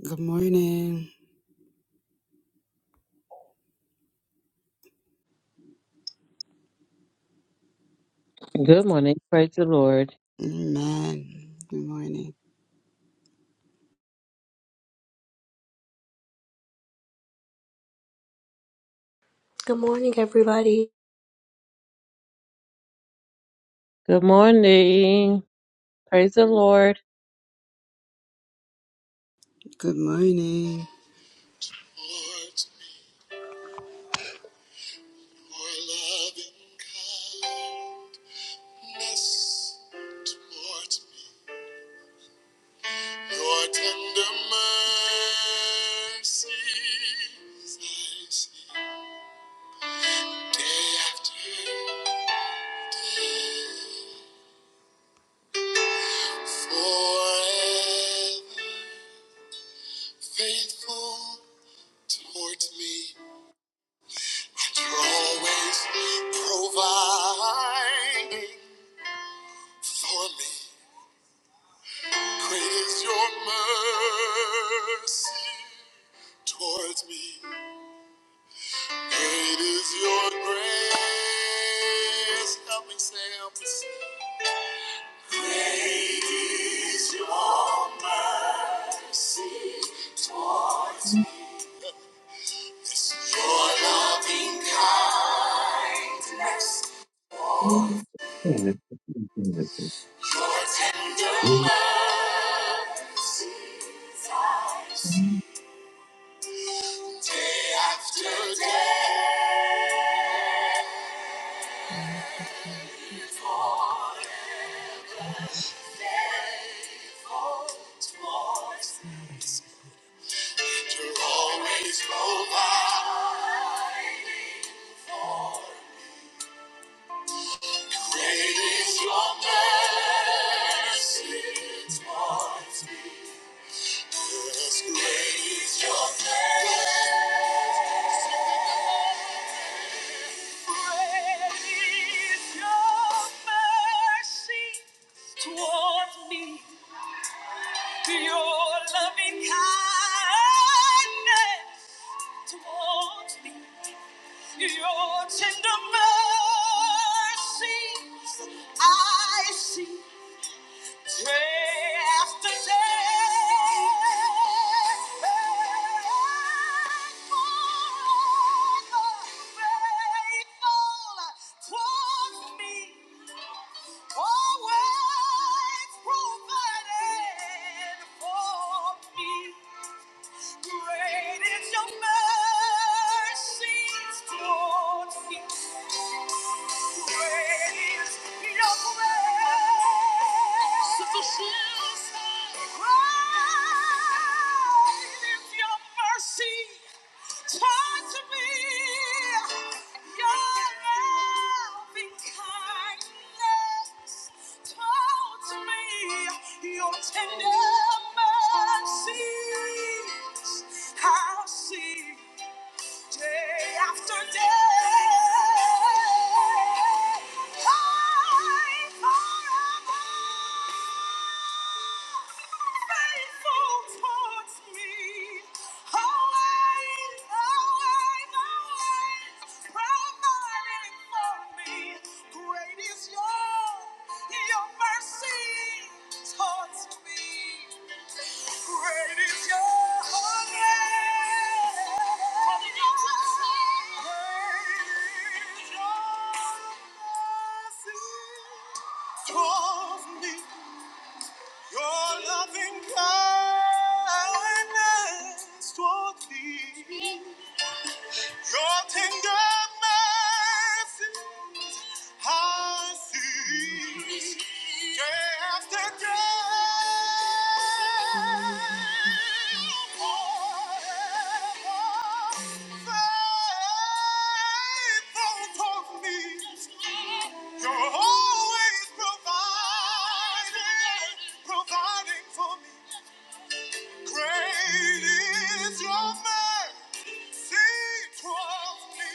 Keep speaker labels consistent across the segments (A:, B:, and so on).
A: Good morning.
B: Good morning. Praise the Lord.
A: Amen. Good morning.
C: Good morning, everybody.
B: Good morning. Praise the Lord.
A: Good morning.
C: For me. Great is your mercy towards me. Great is your grace. Help me say, help me Great is your mercy towards me. It's your loving kindness,
B: Good
C: your tender mercies I see day after day. Towards me. To always provide. Your tender mercies I see. Day after day, towards me, Great is Your mercy towards me. Your tender mercies, I'll see. Day after day, high forever, faithful towards me, always, always, always providing for me. Great is your, your mercy towards me. Great is your mercy towards me. Your loving kindness towards me. Your tender mercy. I see day after day. forever Faithful toward me, You're always providing, providing for me. Great is your mercy. He draws me.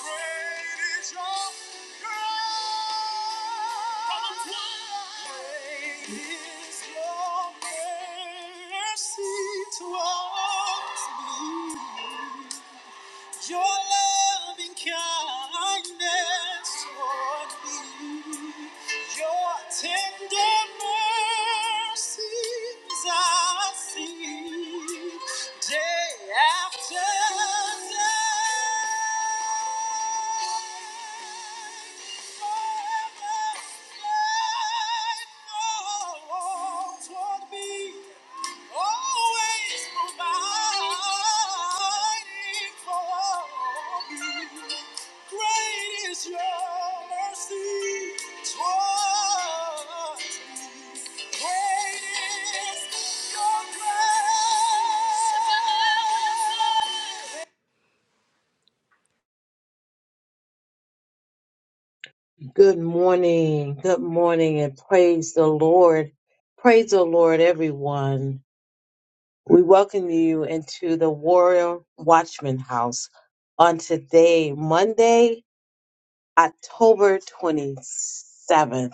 C: Great is your grace. Great is your mercy towards me. Your loving kindness toward me, your tender mercies I see day after day. Forever faithful toward me always providing for me. Great is your mercy toward Great is your grace.
B: morning. Good morning and praise the Lord. Praise the Lord, everyone. We welcome you into the Warrior Watchman House on today, Monday, October 27th.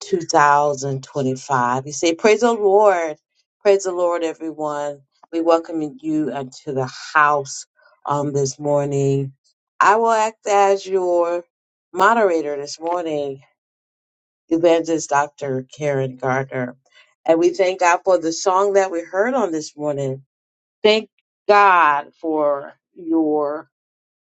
B: 2025. You say, Praise the Lord. Praise the Lord, everyone. We welcome you into the house on this morning. I will act as your moderator this morning, Evangelist Dr. Karen Gardner. And we thank God for the song that we heard on this morning. Thank God for your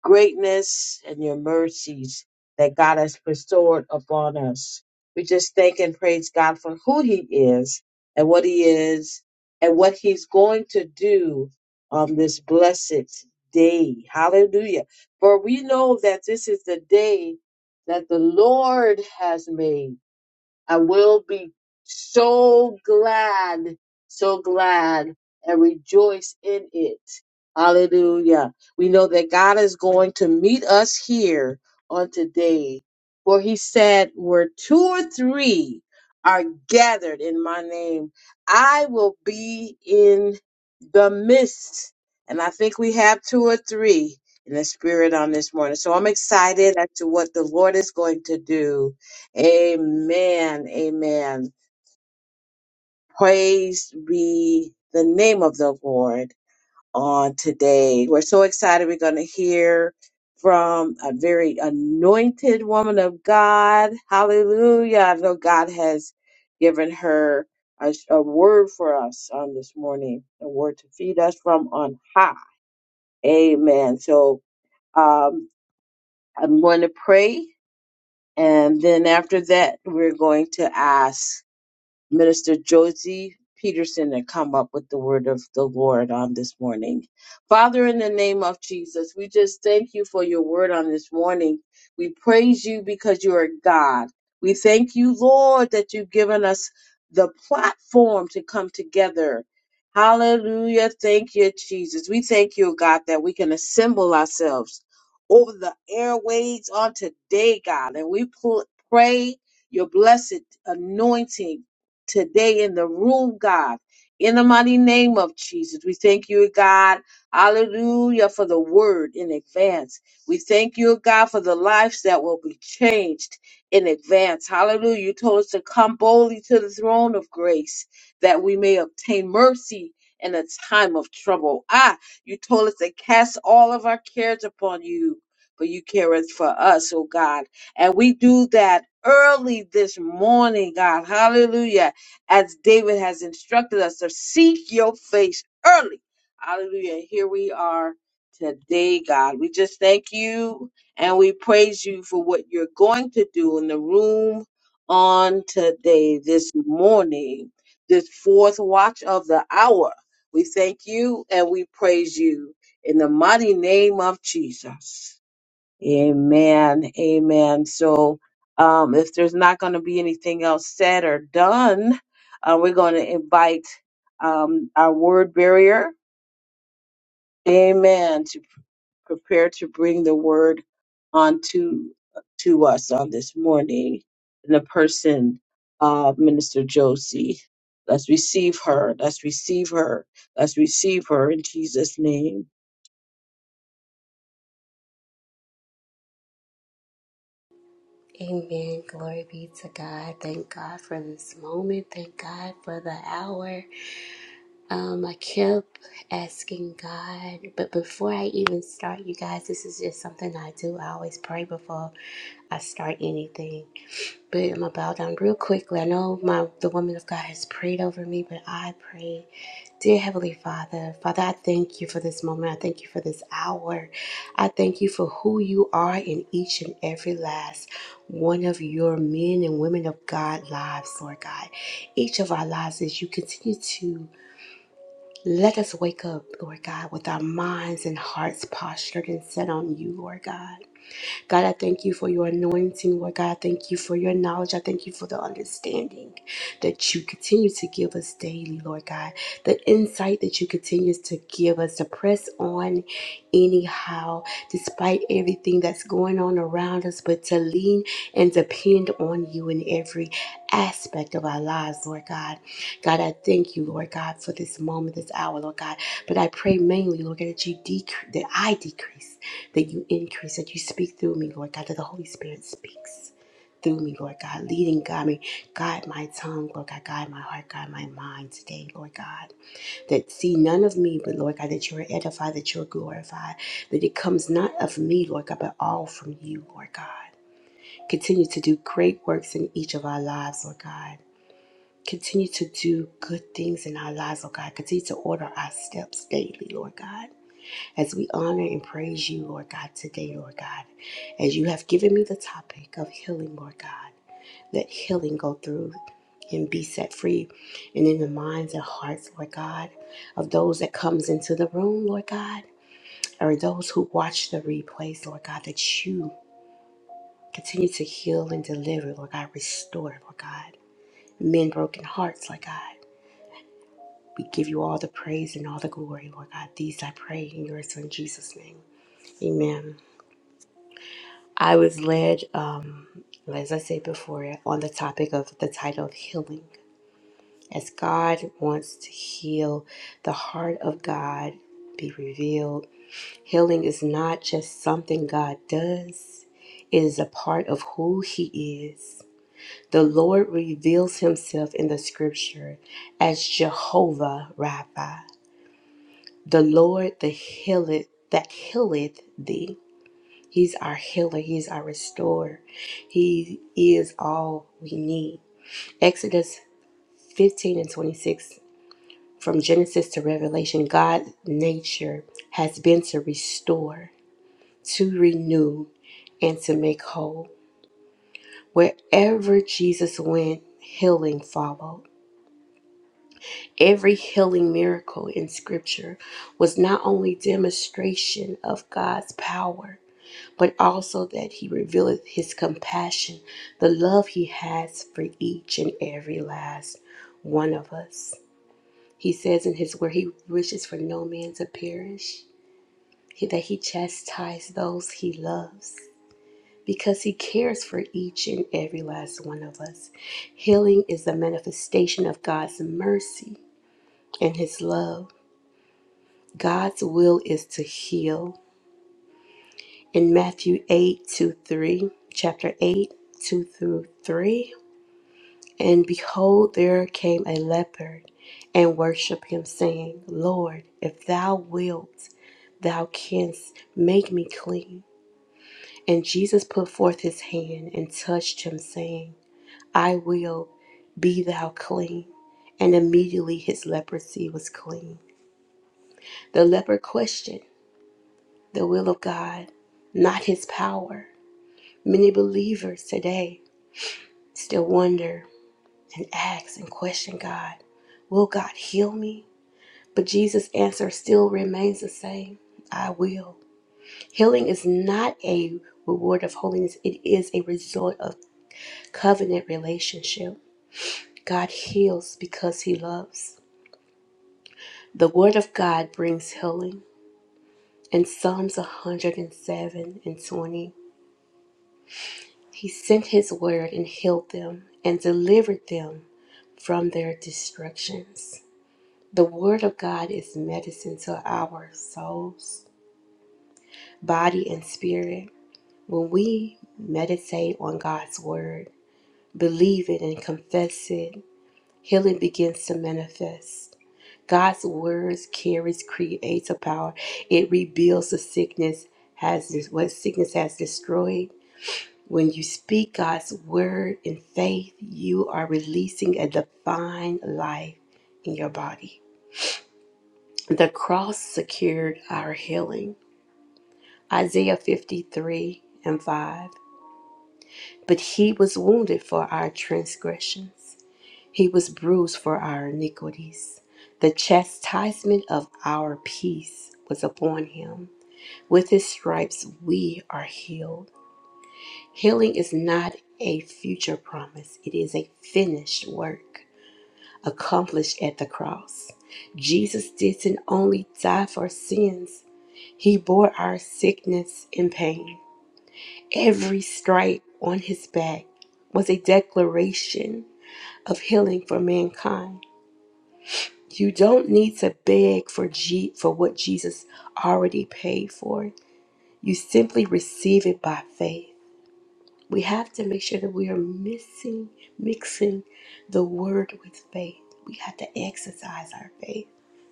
B: greatness and your mercies that God has bestowed upon us. We just thank and praise God for who He is and what He is and what He's going to do on this blessed day. Hallelujah. For we know that this is the day that the Lord has made I will be so glad, so glad, and rejoice in it. Hallelujah. We know that God is going to meet us here on today, for He said, Where two or three are gathered in my name, I will be in the midst. And I think we have two or three in the spirit on this morning. So I'm excited as to what the Lord is going to do. Amen. Amen. Praise be the name of the Lord on today. We're so excited. We're going to hear from a very anointed woman of God. Hallelujah. I know God has given her a, a word for us on this morning, a word to feed us from on high. Amen. So um, I'm going to pray. And then after that, we're going to ask Minister Josie Peterson to come up with the word of the Lord on this morning. Father, in the name of Jesus, we just thank you for your word on this morning. We praise you because you are God. We thank you, Lord, that you've given us the platform to come together. Hallelujah. Thank you, Jesus. We thank you, God, that we can assemble ourselves over the airways on today, God, and we pl- pray your blessed anointing today in the room, God. In the mighty name of Jesus, we thank you, God. Hallelujah for the word in advance. We thank you, God, for the lives that will be changed in advance. Hallelujah. You told us to come boldly to the throne of grace that we may obtain mercy in a time of trouble. Ah, you told us to cast all of our cares upon you, for you careth for us, oh God. And we do that early this morning, God. Hallelujah as David has instructed us to seek your face early. Hallelujah. Here we are today, God. We just thank you and we praise you for what you're going to do in the room on today, this morning, this fourth watch of the hour. We thank you and we praise you in the mighty name of Jesus. Amen. Amen. So, um, if there's not going to be anything else said or done, uh, we're going to invite um, our word barrier, amen, to prepare to bring the word onto to us on this morning in the person of Minister Josie. Let's receive her. Let's receive her. Let's receive her in Jesus' name.
C: Amen. Glory be to God. Thank God for this moment. Thank God for the hour. Um, I kept asking God, but before I even start, you guys, this is just something I do. I always pray before I start anything. But I'm about done real quickly. I know my the woman of God has prayed over me, but I pray, dear Heavenly Father, Father, I thank you for this moment. I thank you for this hour. I thank you for who you are in each and every last one of your men and women of God lives, Lord God. Each of our lives as you continue to let us wake up, Lord God, with our minds and hearts postured and set on you, Lord God. God, I thank you for your anointing. Lord God, I thank you for your knowledge. I thank you for the understanding that you continue to give us daily, Lord God. The insight that you continue to give us to press on anyhow, despite everything that's going on around us, but to lean and depend on you in every aspect of our lives, Lord God. God, I thank you, Lord God, for this moment, this hour, Lord God. But I pray mainly, Lord God, that you decrease, that I decrease that you increase, that you speak through me, Lord God, that the Holy Spirit speaks through me, Lord God, leading, guide me, guide my tongue, Lord God, guide my heart, guide my mind today, Lord God, that see none of me, but Lord God, that you are edified, that you are glorified, that it comes not of me, Lord God, but all from you, Lord God. Continue to do great works in each of our lives, Lord God. Continue to do good things in our lives, Lord God. Continue to order our steps daily, Lord God as we honor and praise you, Lord God, today, Lord God, as you have given me the topic of healing, Lord God. Let healing go through and be set free and in the minds and hearts, Lord God, of those that comes into the room, Lord God, or those who watch the replays, Lord God, that you continue to heal and deliver, Lord God, restore, Lord God. Men broken hearts, Lord God. We give you all the praise and all the glory, Lord God. These I pray in your son Jesus' name. Amen. I was led, um, as I said before, on the topic of the title of healing. As God wants to heal, the heart of God be revealed. Healing is not just something God does, it is a part of who He is. The Lord reveals Himself in the scripture as Jehovah Rapha, the Lord that healeth, that healeth thee. He's our healer. He's our restorer. He is all we need. Exodus 15 and 26, from Genesis to Revelation, God's nature has been to restore, to renew, and to make whole. Wherever Jesus went, healing followed. Every healing miracle in Scripture was not only demonstration of God's power, but also that he revealeth his compassion, the love he has for each and every last one of us. He says in his word, he wishes for no man to perish, he- that he chastise those he loves. Because he cares for each and every last one of us. Healing is the manifestation of God's mercy and his love. God's will is to heal. In Matthew 8 2 3, chapter 8 2 through 3, And behold, there came a leopard and worshipped him, saying, Lord, if thou wilt, thou canst make me clean. And Jesus put forth his hand and touched him, saying, I will, be thou clean. And immediately his leprosy was clean. The leopard questioned the will of God, not his power. Many believers today still wonder and ask and question God, Will God heal me? But Jesus' answer still remains the same I will. Healing is not a reward of holiness, it is a result of covenant relationship. God heals because he loves. The word of God brings healing. In Psalms 107 and 20, he sent his word and healed them and delivered them from their destructions. The word of God is medicine to our souls, body, and spirit. When we meditate on God's word, believe it and confess it, healing begins to manifest. God's words carries creative power. It rebuilds the sickness has what sickness has destroyed. When you speak God's word in faith, you are releasing a divine life in your body. The cross secured our healing. Isaiah 53 and 5. But he was wounded for our transgressions, he was bruised for our iniquities. The chastisement of our peace was upon him. With his stripes, we are healed. Healing is not a future promise, it is a finished work accomplished at the cross. Jesus didn't only die for sins, he bore our sickness and pain. Every stripe on his back was a declaration of healing for mankind. You don't need to beg for G- for what Jesus already paid for. You simply receive it by faith. We have to make sure that we are missing mixing the word with faith. We have to exercise our faith.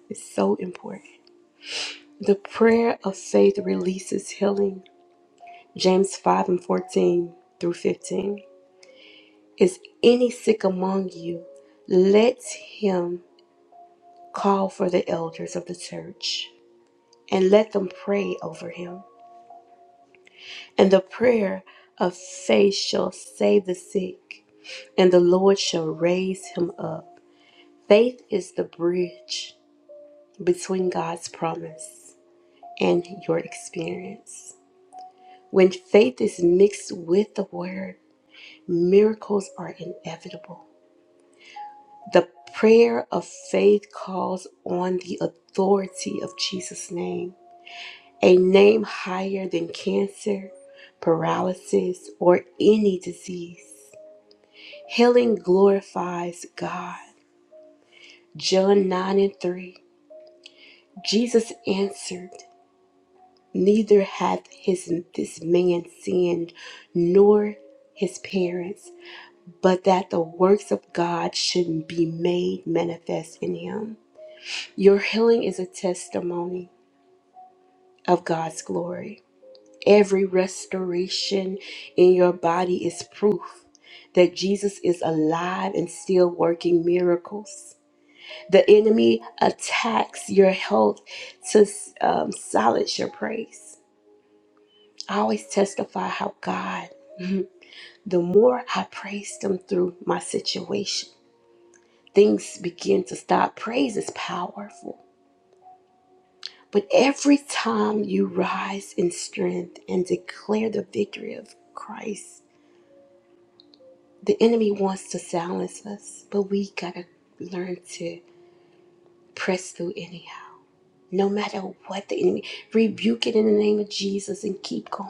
C: It's so important. The prayer of faith releases healing. James 5 and 14 through 15. Is any sick among you? Let him call for the elders of the church, and let them pray over him. And the prayer of faith shall save the sick, and the Lord shall raise him up. Faith is the bridge between God's promise and your experience. When faith is mixed with the word, miracles are inevitable. The prayer of faith calls on the authority of Jesus' name, a name higher than cancer, paralysis, or any disease. Healing glorifies God. John 9 and 3. Jesus answered, Neither hath his, this man sinned, nor his parents, but that the works of God should be made manifest in him. Your healing is a testimony of God's glory. Every restoration in your body is proof that Jesus is alive and still working miracles. The enemy attacks your health to um, silence your praise. I always testify how God, mhm, the more I praised Him through my situation, things begin to stop. Praise is powerful But every time you rise in strength and declare the victory of Christ, the enemy wants to silence us, but we gotta learn to press through anyhow. No matter what the enemy, rebuke it in the name of Jesus and keep going.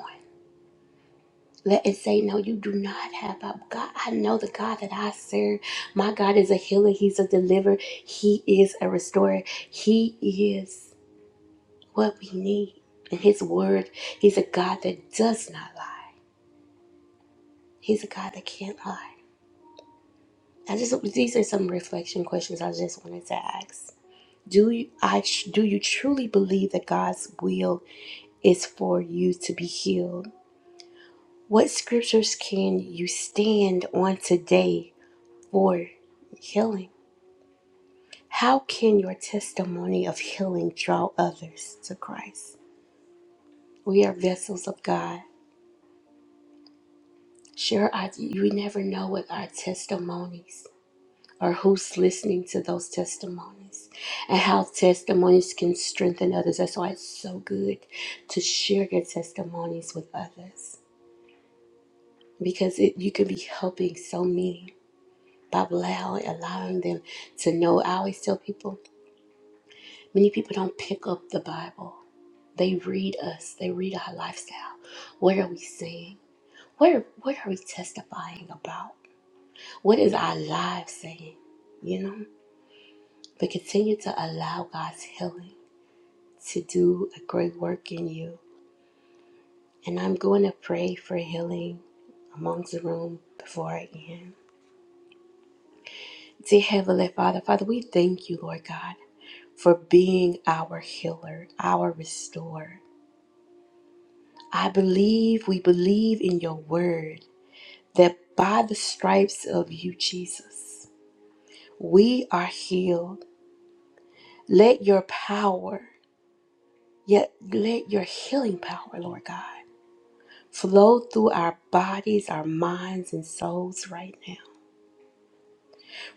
C: Let it say, No, you do not have a God. I know the God that I serve. My God is a healer, He's a deliverer, He is a restorer, He is. what we need. And His Word, He's a God that does not lie. He's a God that can't lie. I just these are some reflection questions I just wanted to ask. Do you, I do you truly believe that God's will is for you to be healed? What scriptures can you stand on today for healing? How can your testimony of healing draw others to Christ? We are vessels of God Sure, I, we never know what our testimonies or who's listening to those testimonies and how testimonies can strengthen others. That's why it's so good to share your testimonies with others because it, you could be helping so many by allowing, allowing them to know. I always tell people many people don't pick up the Bible, they read us, they read our lifestyle. What are we saying? What are, what are we testifying about? What is our lives saying? You know? But continue to allow God's healing to do a great work in you. And I'm going to pray for healing amongst the room before I end. Dear Heavenly Father, Father, we thank you, Lord God, for being our healer, our restorer. I believe, we believe in your word that by the stripes of you, Jesus, we are healed. Let your power Yet let your healing power, Lord God, flow through our bodies, our minds, and souls right now.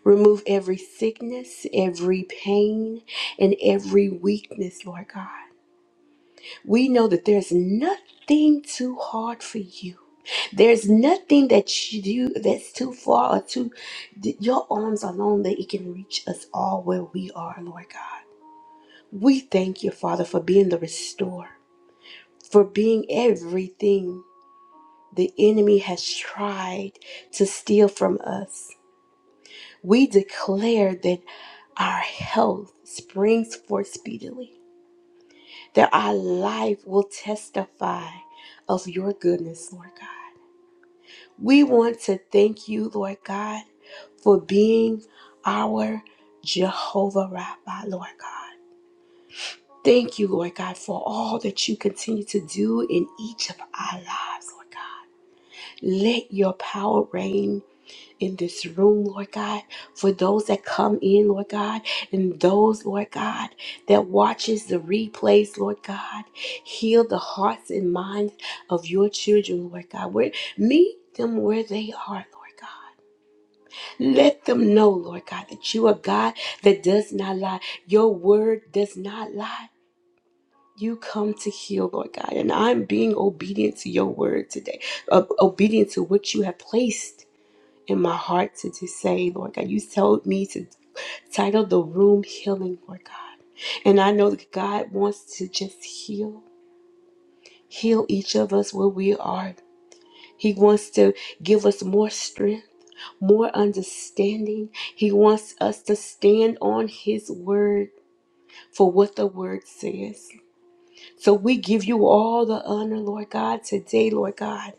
C: Remove every sickness, every pain, and every weakness, Lord God. We know that there's nothing too hard for you. There's nothing that you do that's too far or too that your arms alone that it can reach us all where we are, Lord God. We thank you, Father, for being the restorer, for being everything the enemy has tried to steal from us. We declare that our health springs forth speedily, that our life will testify of your goodness, Lord God. We want to thank you, Lord God, for being our Jehovah Rapha, Lord God. Thank you, Lord God, for all that you continue to do in each of our lives, Lord God. Let your power reign in this room, Lord God, for those that come in, Lord God, and those, Lord God, that watches the replays, Lord God. Heal the hearts and minds of your children, Lord God. Where meet them where they are, Lord God. Let them know, Lord God, that you are God that does not lie. Your word does not lie. You come to heal, Lord God, and I'm being obedient to your word today, ob- obedient to what you have placed in my heart to, to say, Lord God, you told me to title the room Healing, Lord God. And I know that God wants to just heal, heal each of us where we are. He wants to give us more strength, more understanding. He wants us to stand on His word for what the word says. So we give you all the honor, Lord God, today, Lord God.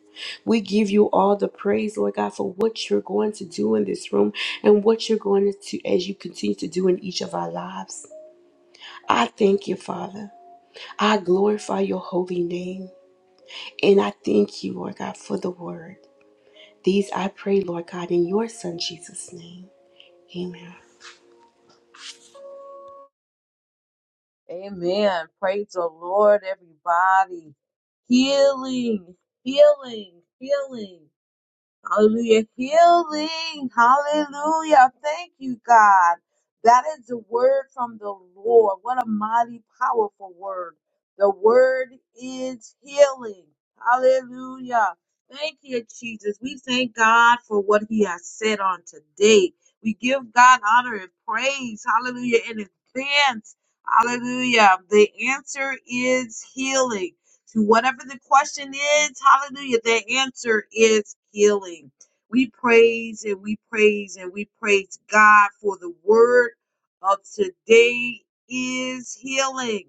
C: We give you all the praise, Lord God, for what you're going to do in this room and what you're going to do as you continue to do in each of our lives. I thank you, Father. I glorify your holy name. And I thank you, Lord God, for the word. These I pray, Lord God, in your son Jesus' name. Amen.
B: Amen. Praise the Lord, everybody. Healing, healing, healing. Hallelujah. Healing. Hallelujah. Thank you, God. That is the word from the Lord. What a mighty, powerful word. The word is healing. Hallelujah. Thank you, Jesus. We thank God for what he has said on today. We give God honor and praise. Hallelujah. In advance. Hallelujah. The answer is healing to whatever the question is. Hallelujah. The answer is healing. We praise and we praise and we praise God for the word of today is healing.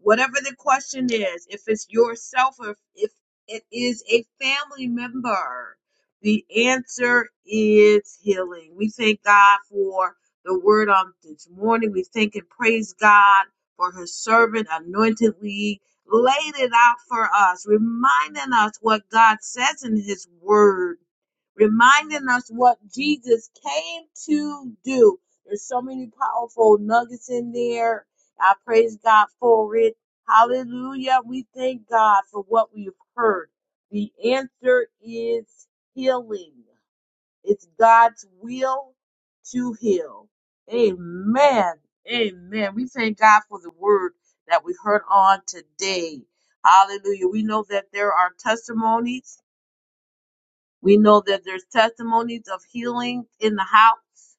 B: Whatever the question is, if it's yourself or if it is a family member, the answer is healing. We thank God for the word on this morning. We thank and praise God for his servant anointedly laid it out for us, reminding us what God says in His Word, reminding us what Jesus came to do. There's so many powerful nuggets in there. I praise God for it. Hallelujah. We thank God for what we've heard. The answer is healing. It's God's will to heal. Amen. Amen. We thank God for the word that we heard on today. Hallelujah. We know that there are testimonies. We know that there's testimonies of healing in the house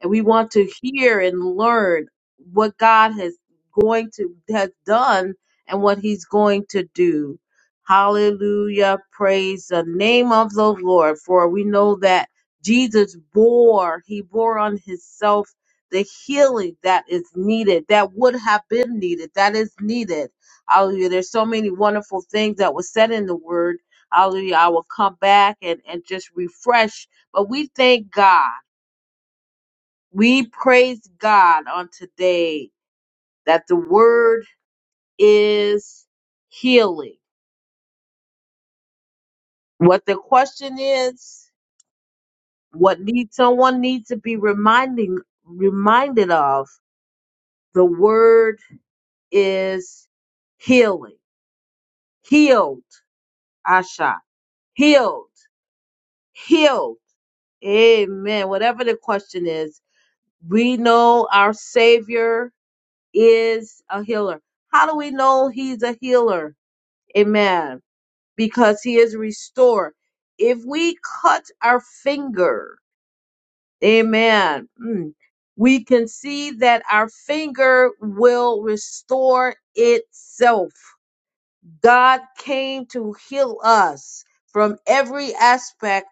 B: and we want to hear and learn what God has going to has done and what he's going to do. Hallelujah. Praise the name of the Lord for we know that Jesus bore, he bore on himself the healing that is needed, that would have been needed, that is needed. Hallelujah. There's so many wonderful things that was said in the word. Hallelujah. I will come back and, and just refresh. But we thank God. We praise God on today that the word is healing. What the question is, what needs someone needs to be reminding reminded of, the word is healing. Healed, Asha. Healed. Healed. Amen. Whatever the question is, we know our Savior is a healer. How do we know he's a healer? Amen because he is restored. If we cut our finger, amen, mm, we can see that our finger will restore itself. God came to heal us from every aspect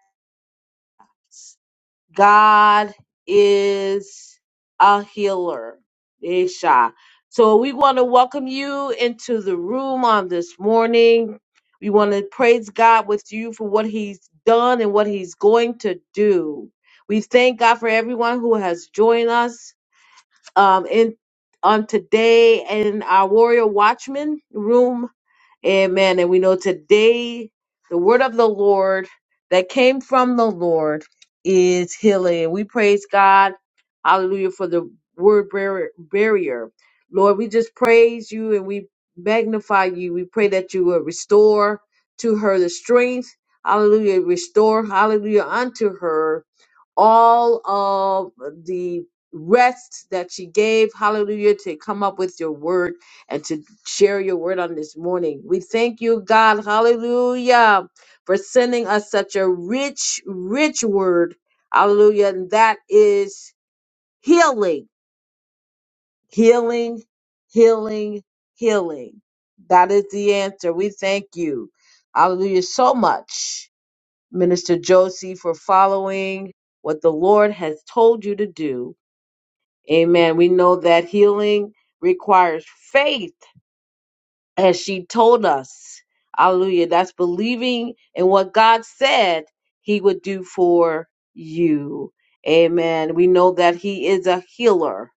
B: God is a healer. Isha. So we want to welcome you into the room on this morning. We want to praise God with you for what He's done and what He's going to do. We thank God for everyone who has joined us um, in on today in our Warrior Watchman room Amen. And we know today the word of the Lord that came from the Lord is healing. And we praise God. Hallelujah for the word bar- barrier. Lord, we just praise you and we magnify you. We pray that you will restore to her the strength. Hallelujah. Restore, hallelujah, unto her all of the rest that she gave. Hallelujah. To come up with your word and to share your word on this morning. We thank you, God, hallelujah, for sending us such a rich, rich word, hallelujah, and that is healing, healing, healing, healing. That is the answer. We thank you, hallelujah, so much, Minister Josie, for following what the Lord has told you to do. Amen. We know that healing requires faith And she told us, hallelujah, that's believing in what God said he would do for you. Amen. We know that he is a healer.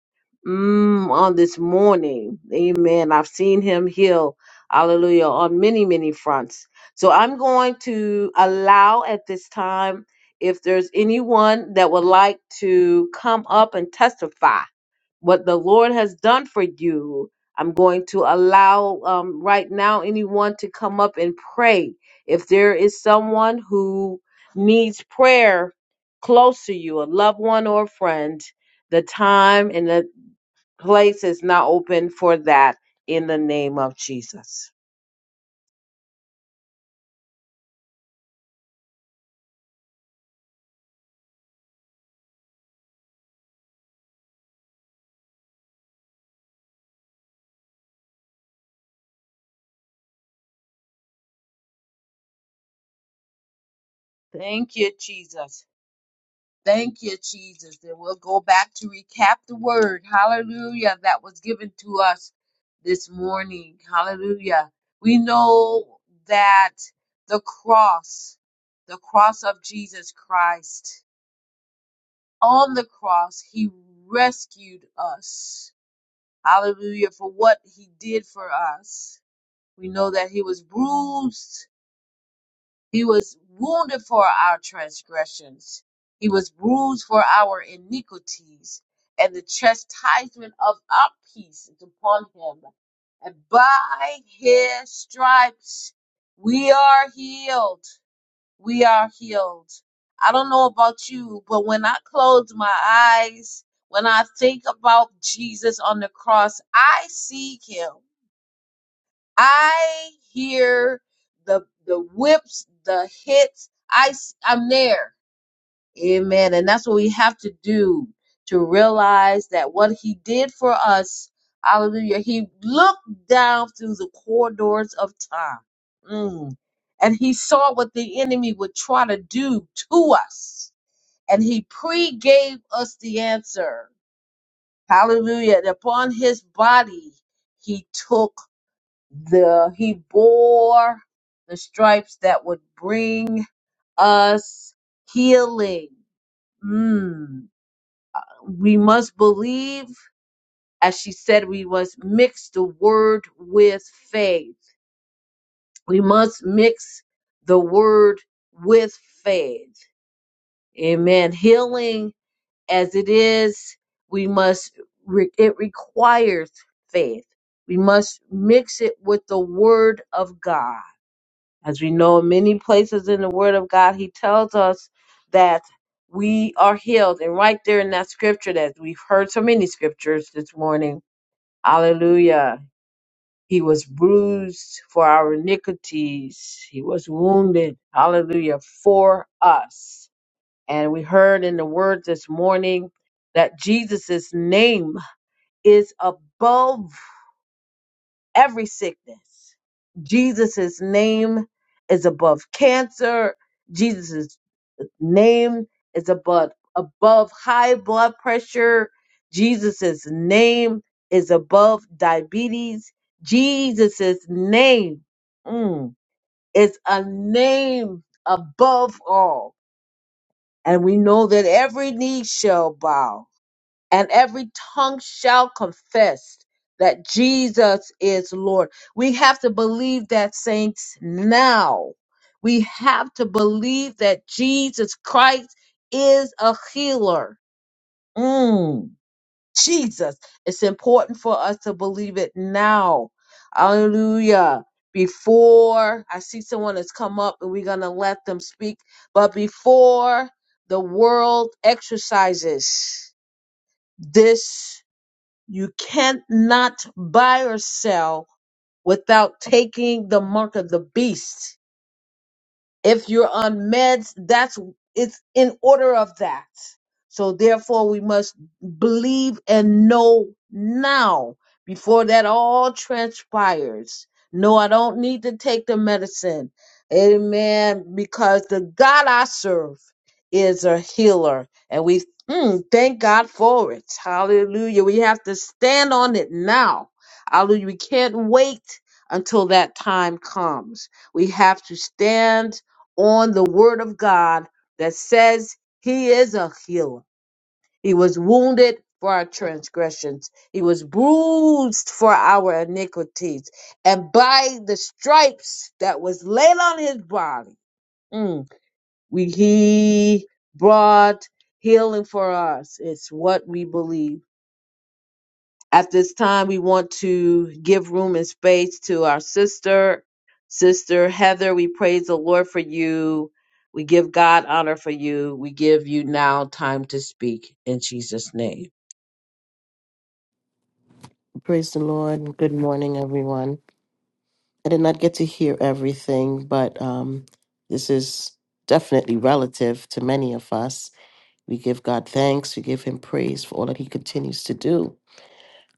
B: Mm, on this morning, amen. I've seen him heal, hallelujah, on many, many fronts. So I'm going to allow at this time if there's anyone that would like to come up and testify what the Lord has done for you. I'm going to allow um, right now anyone to come up and pray. If there is someone who needs prayer close to you, a loved one or a friend, the time and the place is now open for that in the name of Jesus. Thank you, Jesus. Thank you, Jesus. And we'll go back to recap the word. Hallelujah. That was given to us this morning. Hallelujah. We know that the cross, the cross of Jesus Christ, on the cross, he rescued us. Hallelujah. For what he did for us. We know that he was bruised He was wounded for our transgressions. He was bruised for our iniquities. And the chastisement of our peace is upon him. And by his stripes we are healed. We are healed. I don't know about you, but when I close my eyes, when I think about Jesus on the cross, I see him. I hear the the whips, the hits. I s- I'm there. Amen. And that's what we have to do to realize that what he did for us, hallelujah, he looked down through the corridors of time. Mm. And he saw what the enemy would try to do to us. And he pre-gave us the answer. Hallelujah. And upon his body, he took the he bore the stripes that would bring us healing. Mm. We must believe, as she said, we must mix the word with faith. We must mix the word with faith. Amen. Healing as it is, we must, re- it requires faith. We must mix it with the word of God. As we know, in many places in the Word of God, He tells us that we are healed. And right there in that scripture that we've heard so many scriptures this morning, hallelujah. He was bruised for our iniquities, He was wounded, hallelujah, for us. And we heard in the Word this morning that Jesus' name is above every sickness. Jesus' name is above cancer. Jesus' name is above above high blood pressure. Jesus' name is above diabetes. Jesus' name mm, is a name above all. And we know that every knee shall bow and every tongue shall confess that Jesus is Lord. We have to believe that, saints, now. We have to believe that Jesus Christ is a healer. Mm, Jesus. It's important for us to believe it now. Hallelujah. Before I see someone that's come up and we're going to let them speak, but before the world exercises this you cannot buy or sell without taking the mark of the beast. If you're on meds, that's it's in order of that. So therefore we must believe and know now before that all transpires. No, I don't need to take the medicine. Amen. Because the God I serve is a healer. And we mm, thank God for it. Hallelujah. We have to stand on it now. Hallelujah. We can't wait until that time comes. We have to stand on the word of God that says he is a healer. He was wounded for our transgressions. He was bruised for our iniquities. And by the stripes that was laid on his body, mm, we, he brought healing for us. It's what we believe. At this time, we want to give room and space to our sister. Sister Heather, we praise the Lord for you. We give God honor for you. We give you now time to speak in Jesus' name.
D: Praise the Lord. Good morning, everyone. I did not get to hear everything, but um, this is definitely relative to many of us. We give God thanks, we give Him praise for all that He continues to do.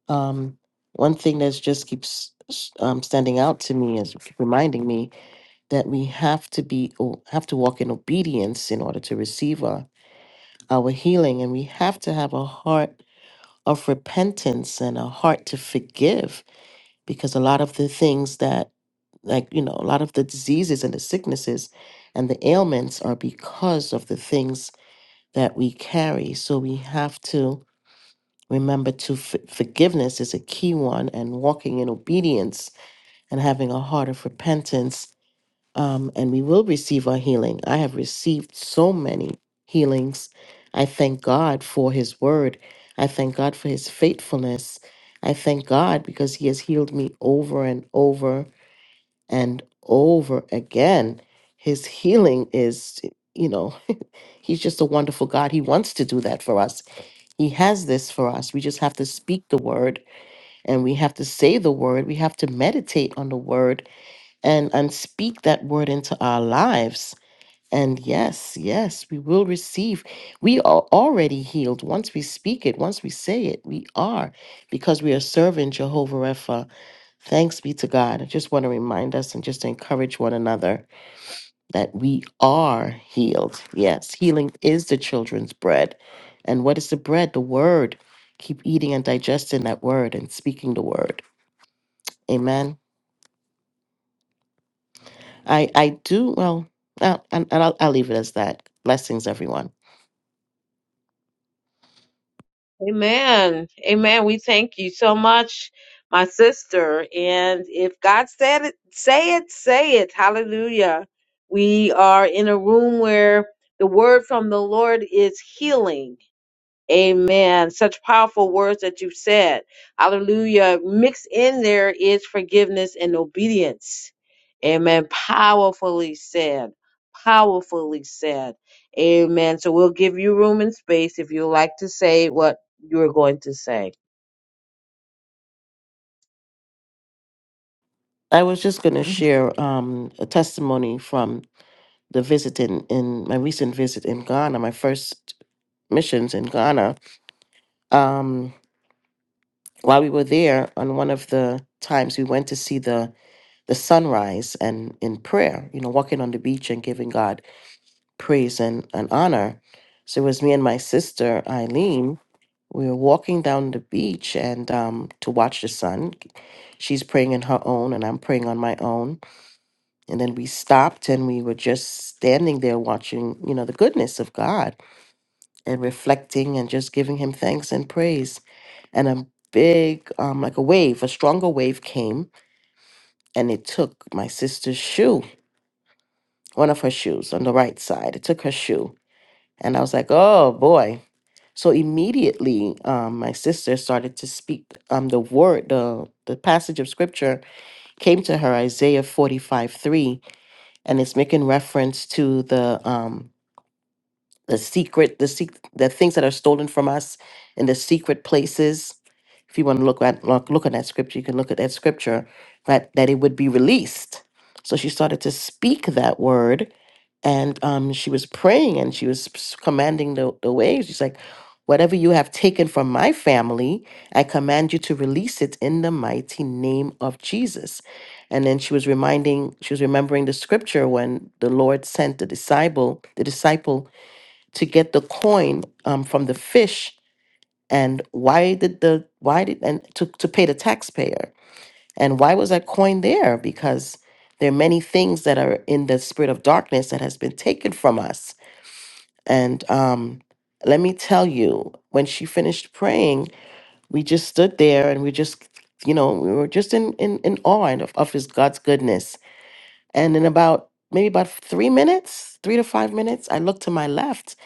D: Um, one thing that just keeps um, standing out to me is reminding me that we have to be o- have to walk in obedience in order to receive our, our healing, and we have to have a heart of repentance and a heart to forgive because a lot of the things that like you know a lot of the diseases and the sicknesses and the ailments are because of the things that we carry so we have to remember to f- forgiveness is a key one and walking in obedience and having a heart of repentance um, and we will receive our healing i have received so many healings i thank god for his word i thank god for his faithfulness i thank god because he has healed me over and over and over again. His healing is, you know, he's just a wonderful God. He wants to do that for us. He has this for us. We just have to speak the word and we have to say the word. We have to meditate on the word and, and speak that word into our lives. And yes, yes, we will receive. We are already healed. Once we speak it, once we say it, we are because we are serving Jehovah Rapha. Thanks be to God. I just want to remind us and just encourage one another that we are healed. Yes, healing is the children's bread. And what is the bread? The word. Keep eating and digesting that word and speaking the word. Amen. I I do well, uh, and, and I'll, I'll leave it as that. Blessings, everyone.
B: Amen. Amen. We thank you so much, my sister. And if God said it, say it, say it. Hallelujah. We are in a room where the word from the Lord is healing Amen. Such powerful words that you said. Hallelujah. Mixed in there is forgiveness and obedience. Amen. Powerfully said. Powerfully said. Amen. So we'll give you room and space if you like to say what you're going to say.
D: I was just going to share um, a testimony from the visit in, in my recent visit in Ghana, my first missions in Ghana. Um, while we were there on one of the times we went to see the the sunrise and in prayer you know walking on the beach and giving god praise and, and honor so it was me and my sister eileen we were walking down the beach and um, to watch the sun she's praying in her own and i'm praying on my own and then we stopped and we were just standing there watching you know the goodness of god and reflecting and just giving him thanks and praise. And a big, um, like a wave, a stronger wave came and it took my sister's shoe, one of her shoes on the right side. It took her shoe. And I was like, oh boy. So immediately, um, my sister started to speak um, the word, the, the passage of scripture came to her, Isaiah 45 3, and it's making reference to the. Um, the secret, the sec- the things that are stolen from us in the secret places. If you want to look at look, look at that scripture, you can look at that scripture that that it would be released. So she started to speak that word, and um, she was praying and she was s- commanding the the waves. She's like, "Whatever you have taken from my family, I command you to release it in the mighty name of Jesus." And then she was reminding, she was remembering the scripture when the Lord sent the disciple, the disciple to get the coin um, from the fish and why did the why did and to, to pay the taxpayer and why was that coin there because there are many things that are in the spirit of darkness that has been taken from us and um let me tell you when she finished praying we just stood there and we just you know we were just in in, in awe of, of his god's goodness and in about maybe about three minutes, three to five minutes, I looked to my left.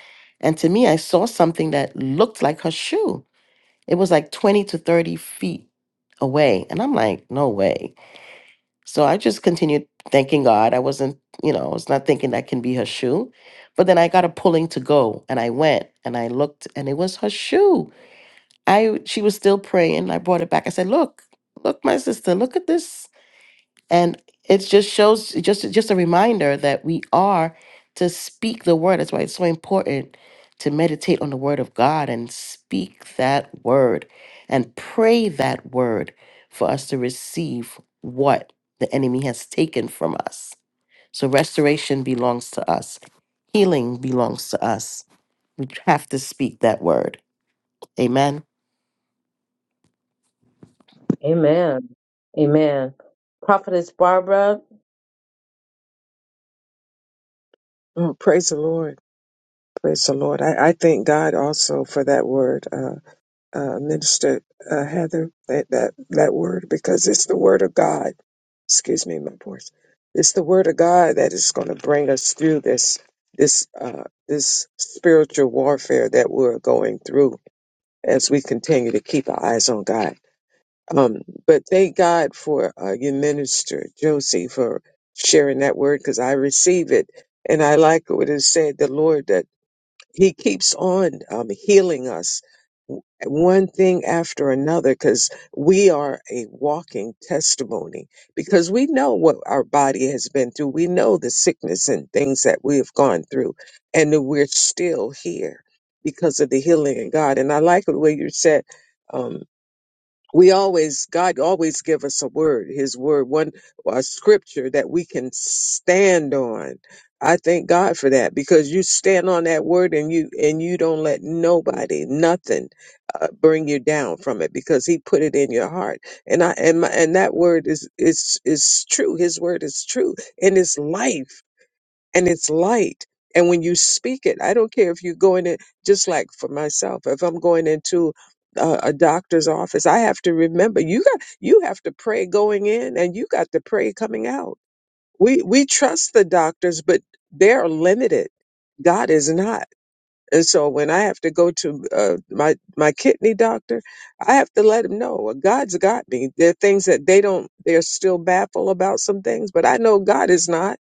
D: And to me, I saw something that looked like her shoe. It was like 20 to 30 feet away. And I'm like, no way. So I just continued thanking God. I wasn't, you know, I was not thinking that can be her shoe. But then I got a pulling to go and I went and I looked and it was her shoe. I she was still praying. I brought it back. I said, Look, look, my sister, look at this and it just shows just just a reminder that we are to speak the word that's why it's so important to meditate on the word of god and speak that word and pray that word for us to receive what the enemy has taken from us so restoration belongs to us healing belongs to us we have to speak that word amen
B: Amen. Amen. Prophetess Barbara,
E: Oh, praise the Lord. Praise the Lord. I, I thank God also for that word, uh, uh, Minister uh, Heather, that, that, that word, because it's the word of God. Excuse me, my voice. It's the word of God that is going to bring us through this, this, uh, this spiritual warfare that we're going through as we continue to keep our eyes on God. Um, but thank God for uh, your minister, Josie, for sharing that word because I receive it. And I like what it said, the Lord that he keeps on um, healing us one thing after another because we are a walking testimony because we know what our body has been through we know the sickness and things that we have gone through and that we're still here because of the healing in god and i like the way you said um, we always god always give us a word his word one a scripture that we can stand on i thank god for that because you stand on that word and you and you don't let nobody nothing uh, bring you down from it because he put it in your heart and i and my, and that word is is is true his word is true and it's life and it's light. And when you speak it, I don't care if you're going in, just like for myself, if I'm going into a, a doctor's office, I have to remember you got you have to pray going in, and you got to pray coming out. We we trust the doctors, but they're limited. God is not. And so when I have to go to uh, my my kidney doctor, I have to let him know well, God's got me. There are things that they don't. They're still baffled about some things, but I know God is not.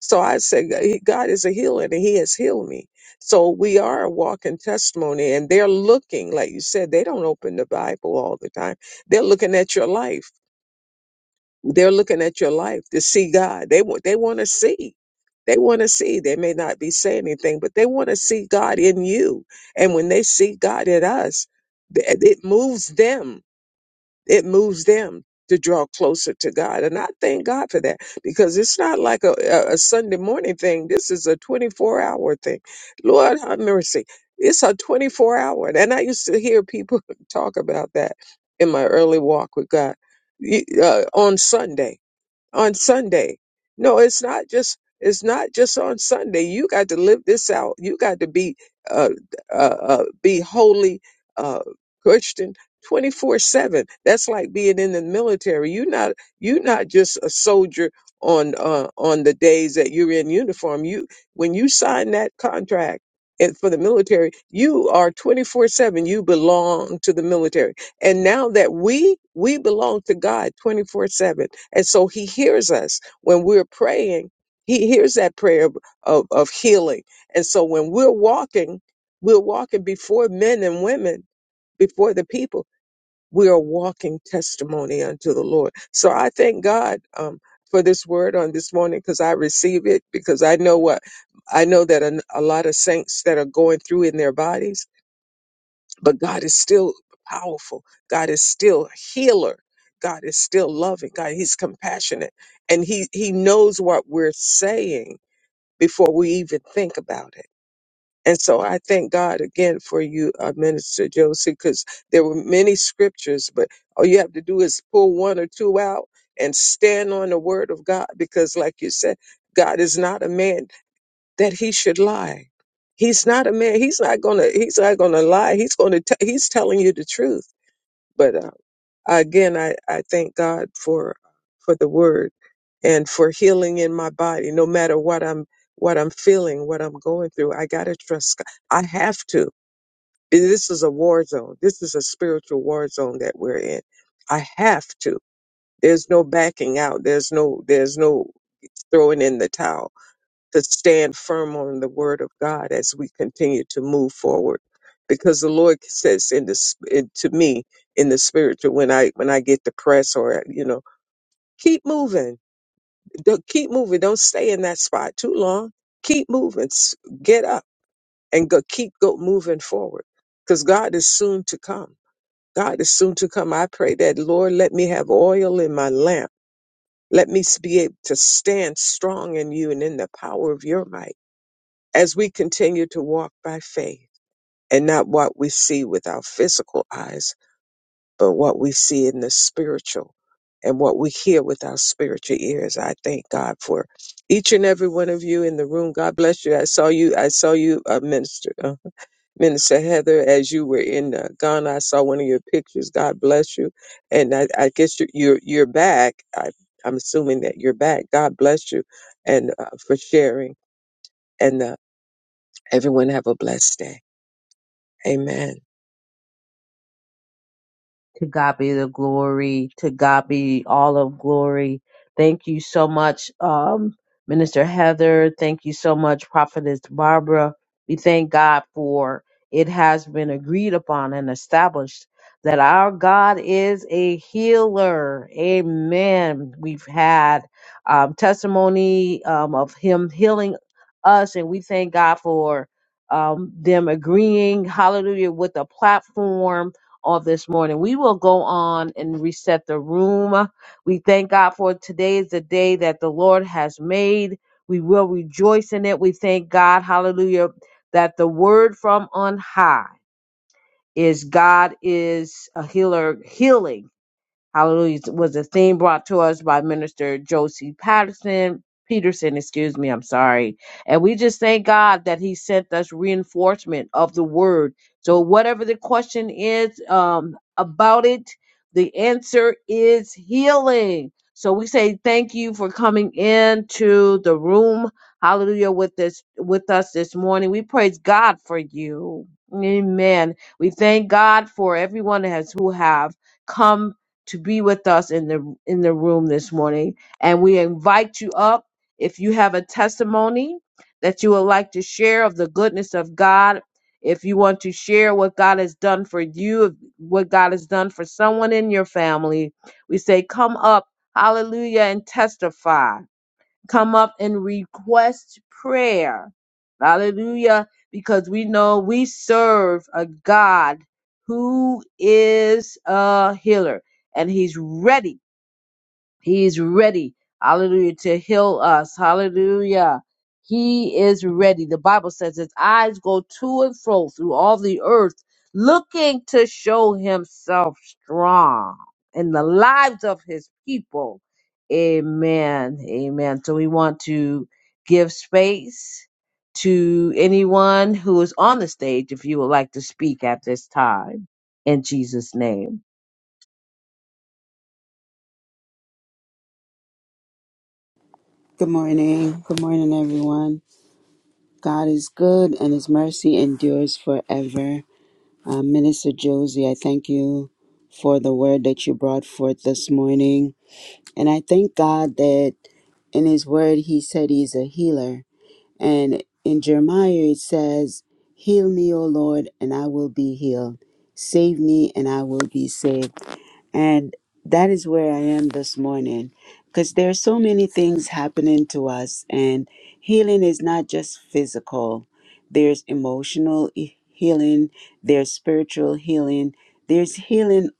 E: So I said, "G- God is a healer and he has healed me. So we are a walking testimony and they're looking, like you said, they don't open the Bible all the time. They're looking at your life. They're looking at your life to see God. They want, they want to see. They want to see. They may not be saying anything, but they want to see God in you. And when they see God in us, th- it moves them it moves them to draw closer to God. And I thank God for that because it's not like a, a a Sunday morning thing. This is a 24 hour thing. Lord have mercy. It's a 24 hour. And I used to hear people talk about that in my early walk with God Y- uh, on Sunday on Sunday. No, it's not just it's not just on Sunday. You got to live this out. You got to be uh, uh, uh, be holy uh, Christian twenty four seven. That's like being in the military. You not you not just a soldier on uh, on the days that you're in uniform. You when you sign that contract. And for the military, you are 24 7. You belong to the military. And now that we we belong to God 24/7. And so he hears us when we're praying. He hears that prayer of, of, of healing. And so when we're walking, we're walking before men and women, before the people. We are walking testimony unto the Lord. So I thank God um, for this word on this morning because I receive it because I know what I know that a, a lot of saints that are going through in their bodies but God is still powerful. God is still a healer. God is still loving. God, He's compassionate, and He He knows what we're saying before we even think about it. And so I thank God again for you, uh, Minister Josie, because there were many scriptures, but all you have to do is pull one or two out and stand on the Word of God, because like you said, God is not a man that he should lie. He's not a man. He's not gonna. He's not gonna lie. He's gonna. T- he's telling you the truth. But uh, again, I I thank God for for the word and for healing in my body. No matter what I'm what I'm feeling, what I'm going through, I gotta trust. God. I have to. This is a war zone. This is a spiritual war zone that we're in. I have to. There's no backing out. There's no. There's no throwing in the towel to stand firm on the word of God as we continue to move forward. Because the Lord says in this in, to me in the spiritual when I when I get depressed or you know keep moving, Don't- keep moving. Don't stay in that spot too long. Keep moving. S- Get up and go. Keep go moving forward because God is soon to come. God is soon to come. I pray that Lord let me have oil in my lamp. Let me s- be able to stand strong in you and in the power of your might As we continue to walk by faith and not what we see with our physical eyes, but what we see in the spiritual and what we hear with our spiritual ears. I thank God for each and every one of you in the room. God bless you. I saw you. I saw you, uh, Minister uh, Minister Heather, as you were in uh, Ghana. I saw one of your pictures. God bless you. And I, I guess you're you're, you're back. I, I'm assuming that you're back. God bless you, and uh, for sharing. And uh, everyone have a blessed day. Amen.
B: To God be the glory. To God be all of glory. Thank you so much, um, Minister Heather. Thank you so much, Prophetess Barbara. We thank God for it has been agreed upon and established that our God is a healer. Amen. We've had um, testimony um, of Him healing us, and we thank God for um, them agreeing, hallelujah, with the platform on this morning. We will go on and reset the room. We thank God for today is the day that the Lord has made. We will rejoice in it. We thank God, hallelujah, that the word from on high is God is a healer, healing. Hallelujah was a theme brought to us by Minister Josie Patterson Peterson, excuse me, I'm sorry. And we just thank God that He sent us reinforcement of the word. So whatever the question is um, about it, the answer is healing. So we say thank you for coming into the room. Hallelujah with this with us this morning. We praise God for you. Amen. We thank God for everyone that has who have come to be with us in the in the room this morning and we invite you up if you have a testimony that you would like to share of the goodness of God if you want to share what God has done for you what God has done for someone in your family we say come up hallelujah and testify come up and request prayer. Hallelujah. Because we know we serve a God who is a healer and he's ready he is ready, hallelujah, to heal us. Hallelujah. He is ready. The Bible says his eyes go to and fro through all the earth, looking to show himself strong in the lives of his people. Amen. Amen. So we want to give space to anyone who is on the stage if you would like to speak at this time in Jesus' name.
A: Good morning. Good morning, everyone. God is good and his mercy endures forever. Uh, Minister Josie, I thank you for the word that you brought forth this morning. And I thank God that in his word he said he's a healer. And in Jeremiah it says, Heal me, O Lord, and I will be healed. Save me, and I will be saved. And that is where I am this morning because there are so many things happening to us, and healing is not just physical, there's emotional e- healing, there's spiritual healing, there's healing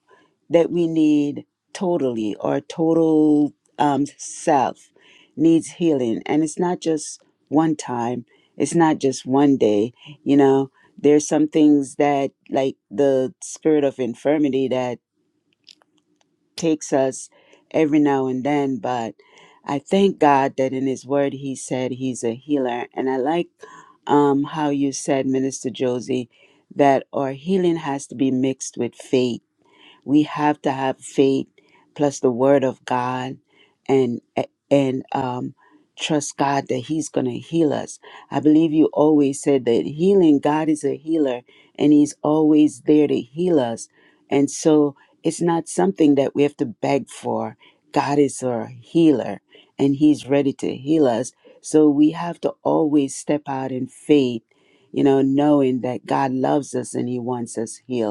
A: that we need totally. Our total um, self needs healing, and it's not just one time. It's not just one day, you know. There's some things that, like the spirit of infirmity, that takes us every now and then, but I thank God that in His Word He said He's a healer. And I like um, how you said, Minister Josie, that our healing has to be mixed with faith we have to have faith plus the word of God and and um trust God that he's going to heal us. I believe you always said that healing God is a healer and he's always there to heal us. And so it's not something that we have to beg for. God is our healer and he's ready to heal us. So we have to always step out in faith, you know, knowing that God loves us and he wants us healed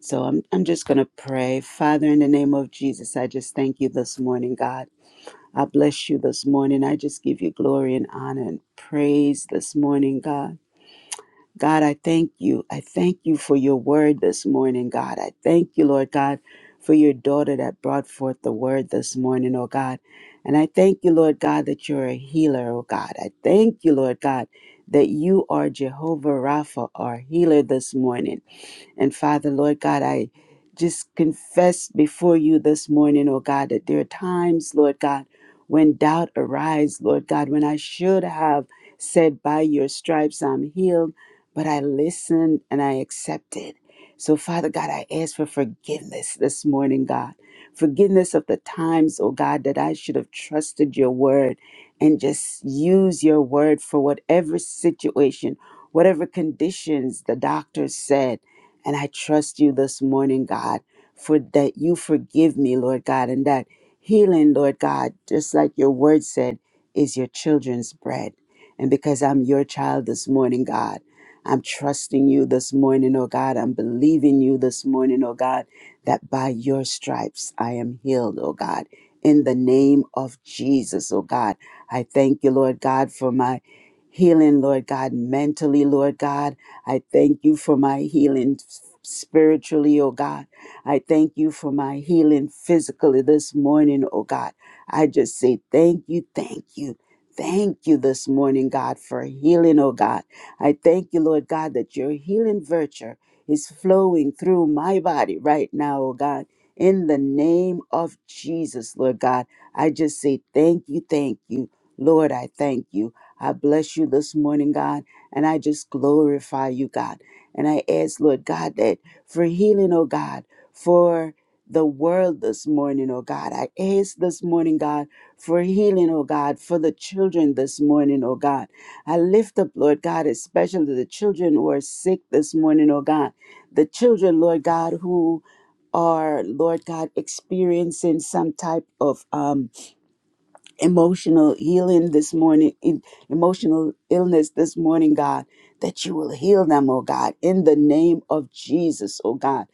A: so I'm, I'm just going to pray. Father, in the name of Jesus, I just thank you this morning, God. I bless you this morning. I just give you glory and honor and praise this morning, God. God, I thank you. I thank you for your word this morning, God. I thank you, Lord God, for your daughter that brought forth the word this morning, oh God. And I thank you, Lord God, that you're a healer, oh God. I thank you, Lord God, that you are Jehovah Rapha, our healer this morning. And Father, Lord God, I just confess before you this morning, oh God, that there are times, Lord God, when doubt arises, Lord God, when I should have said, By your stripes I'm healed, but I listened and I accepted. So, Father God, I ask for forgiveness this morning, God. Forgiveness of the times, oh God, that I should have trusted your word and just use your word for whatever situation, whatever conditions the doctor said. And I trust you this morning, God, for that you forgive me, Lord God, and that healing, Lord God, just like your word said, is your children's bread. And because I'm your child this morning, God, I'm trusting you this morning, oh God. I'm believing you this morning, oh God, that by your stripes I am healed, oh God. In the name of Jesus, oh God. I thank you, Lord God, for my healing, Lord God, mentally, Lord God. I thank you for my healing spiritually, oh God. I thank you for my healing physically this morning, oh God. I just say thank you, thank you. Thank you this morning, God, for healing, oh God. I thank you, Lord God, that your healing virtue is flowing through my body right now, oh God. In the name of Jesus, Lord God, I just say thank you, thank you. Lord, I thank you. I bless you this morning, God. And I just glorify you, God. And I ask, Lord God, that for healing, oh God, for the world this morning, oh God. I ask this morning, God, for healing, oh God, for the children this morning, oh God. I lift up, Lord God, especially the children who are sick this morning, oh God. The children, Lord God, who are, Lord God, experiencing some type of um, emotional healing this morning, in- emotional illness this morning, God, that you will heal them, oh God, in the name of Jesus, oh God.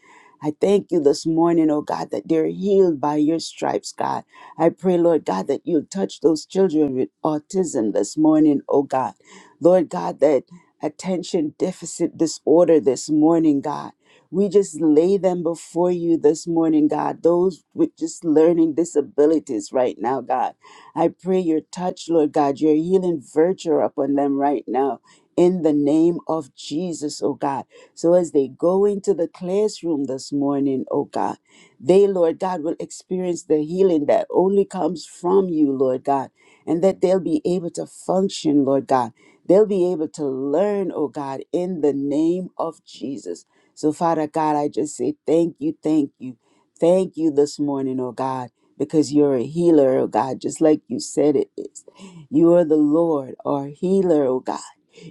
A: I thank you this morning, oh God, that they're healed by your stripes, God. I pray, Lord God, that you'll touch those children with autism this morning, oh God. Lord God, that attention deficit disorder this morning, God. We just lay them before you this morning, God. Those with just learning disabilities right now, God I pray your touch, Lord God, your healing virtue upon them right now in the name of Jesus, oh God. So as they go into the classroom this morning, oh God, they, Lord God, will experience the healing that only comes from you, Lord God, and that they'll be able to function, Lord God. They'll be able to learn, oh God, in the name of Jesus. So, Father God, I just say thank you, thank you, thank you this morning, oh God because you're a healer, oh God, just like you said it is. You are the Lord, our healer, oh God.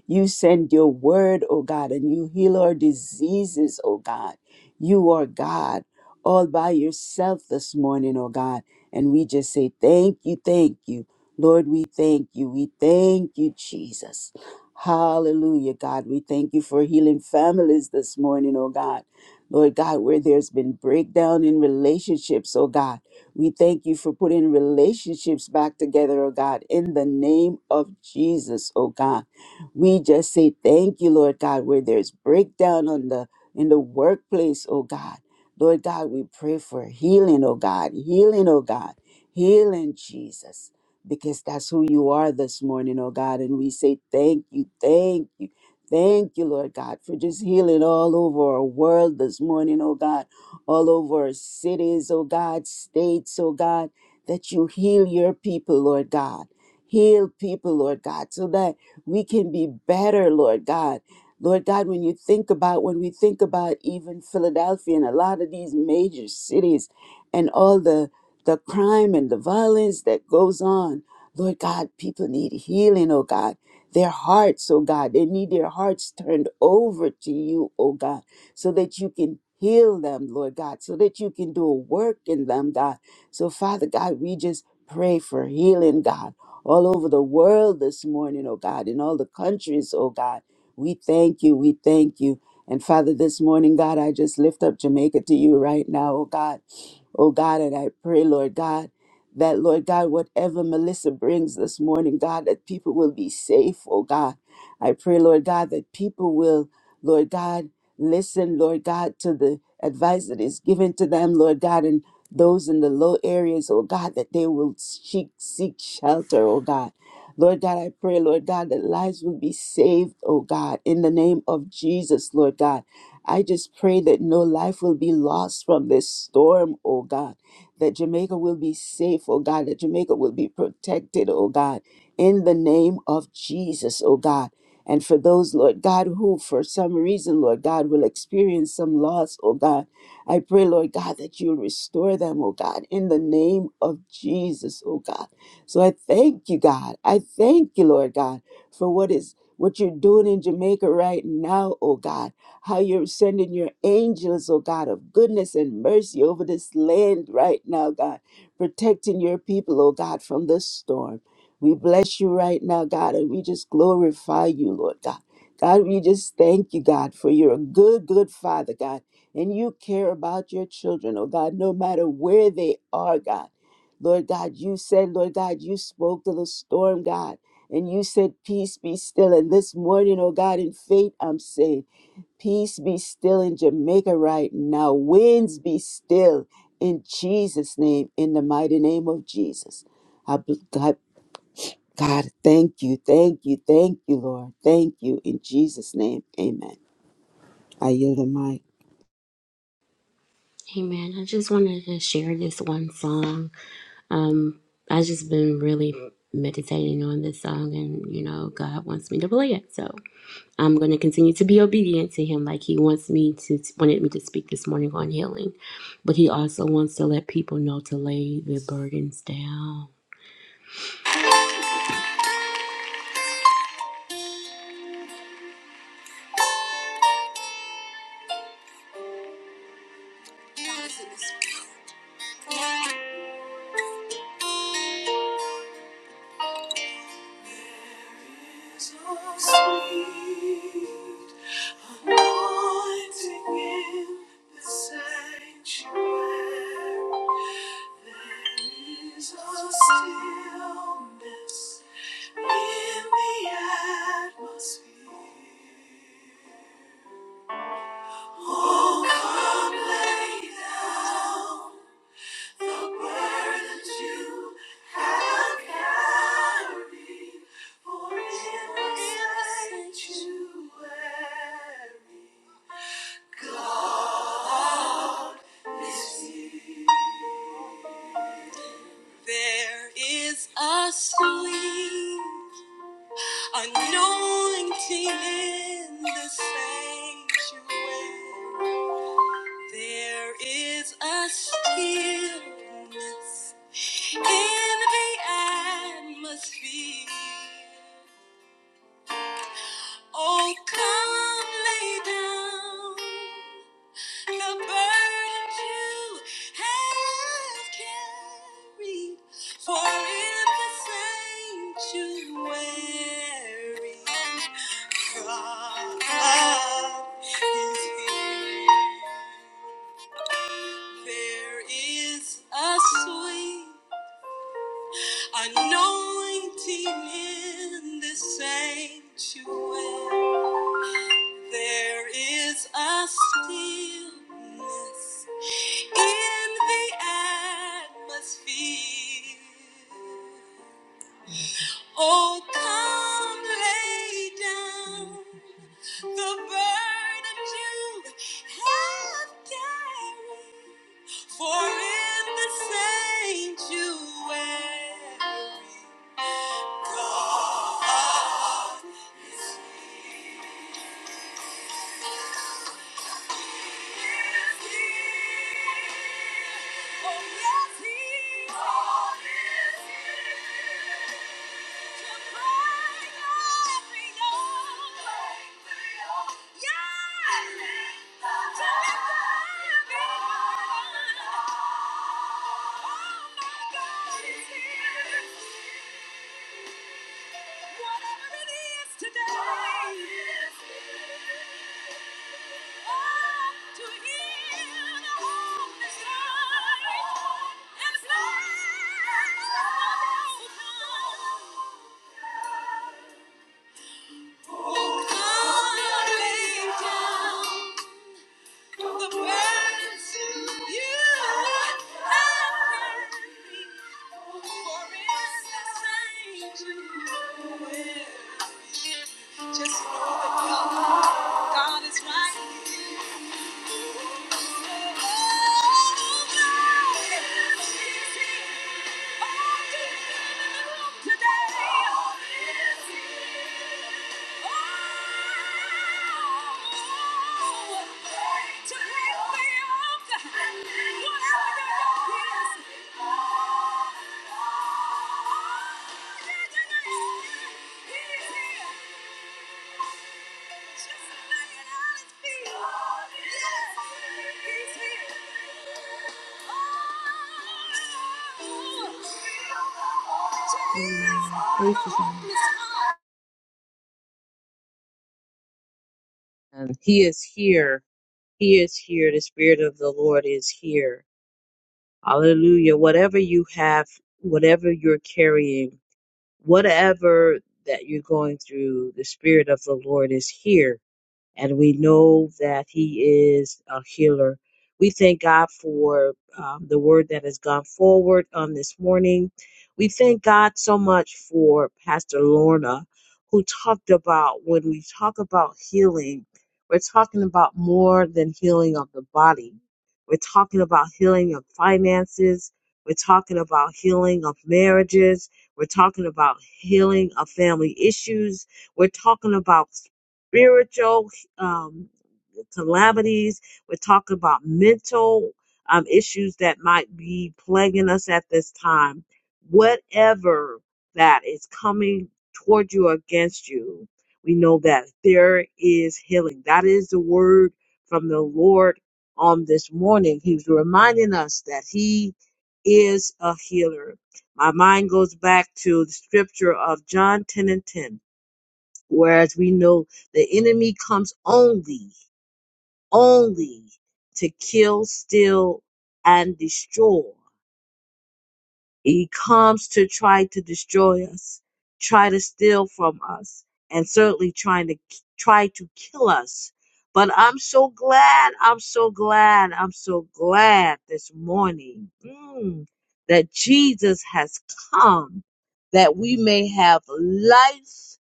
A: You send your word, oh God, and you heal our diseases, oh God. You are God all by yourself this morning, oh God. And we just say, thank you, thank you. Lord, we thank you. We thank you, Jesus. Hallelujah, God. We thank you for healing families this morning, oh God. Lord God, where there's been breakdown in relationships, oh God. We thank you for putting relationships back together, oh God, in the name of Jesus, oh God. We just say thank you, Lord God, where there's breakdown on the in the workplace, oh God. Lord God, we pray for healing, oh God, healing, oh God, healing, Jesus, because that's who you are this morning, oh God. And we say thank you, thank you, thank you, Lord God, for just healing all over our world this morning, oh God all over cities, oh God, states, oh God, that you heal your people, Lord God. Heal people, Lord God, so that we can be better, Lord God. Lord God, when you think about, when we think about even Philadelphia and a lot of these major cities and all the, the crime and the violence that goes on, Lord God, people need healing, oh God. Their hearts, oh God, they need their hearts turned over to you, oh God so that you can heal them, Lord God, so that you can do a work in them, God. So, Father God, we just pray for healing, God, all over the world this morning, oh God, in all the countries, oh God. We thank you. We thank you. And Father, this morning, God, I just lift up Jamaica to you right now, oh God. Oh God, and I pray, Lord God, that, Lord God, whatever Melissa brings this morning, God, that people will be safe, oh God. I pray, Lord God, that people will, Lord God, listen, Lord God, to the advice that is given to them, Lord God, and those in the low areas, oh God, that they will seek, seek shelter, oh God. Lord God, I pray, Lord God, that lives will be saved, oh God, in the name of Jesus, Lord God. I just pray that no life will be lost from this storm, oh God, that Jamaica will be safe, oh God, that Jamaica will be protected, oh God, in the name of Jesus, oh God. And for those, Lord God, who for some reason, Lord God, will experience some loss, oh God, I pray, Lord God, that you'll restore them, oh God, in the name of Jesus, oh God. So I thank you, God. I thank you, Lord God, for what is what you're doing in Jamaica right now, oh God. How you're sending your angels, oh God, of goodness and mercy over this land right now, God, protecting your people, oh God, from this storm we bless you right now, God, and we just glorify you, Lord God. God, we just thank you, God, for you're a good, good father, God, and you care about your children, oh God, no matter where they are, God. Lord God, you said, Lord God, you spoke to the storm, God, and you said, Peace be still. And this morning, oh God, in faith, I'm saying, Peace be still in Jamaica right now. Winds be still in Jesus' name, in the mighty name of Jesus. I, bl- I God, thank you, thank you, thank you, Lord. Thank you. In Jesus' name, amen. I yield the mic.
C: Amen. I just wanted to share this one song. I just been really meditating on this song and you know God wants me to play it. So I'm going to continue to be obedient to him like he wants me to wanted me to speak this morning on healing, but he also wants to let people know to lay their burdens down. So sweet, anointing in the sanctuary. Is a stillness in the atmosphere. And you have carried for in the sanctuary. There is a sweet anointing in the sanctuary. There is a stillness in the atmosphere. Oh, come lay down the burden you have carried, for in the sanctuary, God is here. There is a sweet anointing in the sanctuary. There is a stillness in the atmosphere. Oh, come lay down the burden you have carried, for in the sanctuary, God oh Yeah! Oh, come and lay down. Just know that God, God is right here. Oh, God is here. All is in the room today. All is here. oh, to lift me up. Whatever Amen. Praise his name.
B: And he is here He is here. The Spirit of the Lord is here. Hallelujah. Whatever you have, whatever you're carrying, whatever that you're going through, the Spirit of the Lord is here and we know that He is a healer. We thank God for um, the word that has gone forward on this morning. We thank God so much for Pastor Lorna, who talked about when we talk about healing, we're talking about more than healing of the body. We're talking about healing of finances. We're talking about healing of marriages. We're talking about healing of family issues. We're talking about spiritual um, calamities. We're talking about mental um, issues that might be plaguing us at this time. Whatever that is coming toward you or against you, we know that there is healing. That is the word from the Lord on this morning. He's reminding us that He is a healer. My mind goes back to the scripture of John 10 and 10 Whereas we know the enemy comes only, only to kill, steal, and destroy. He comes to try to destroy us, try to steal from us, and certainly trying to try to kill us. But I'm so glad, I'm so glad, I'm so glad this morning mm, that Jesus has come that we may have life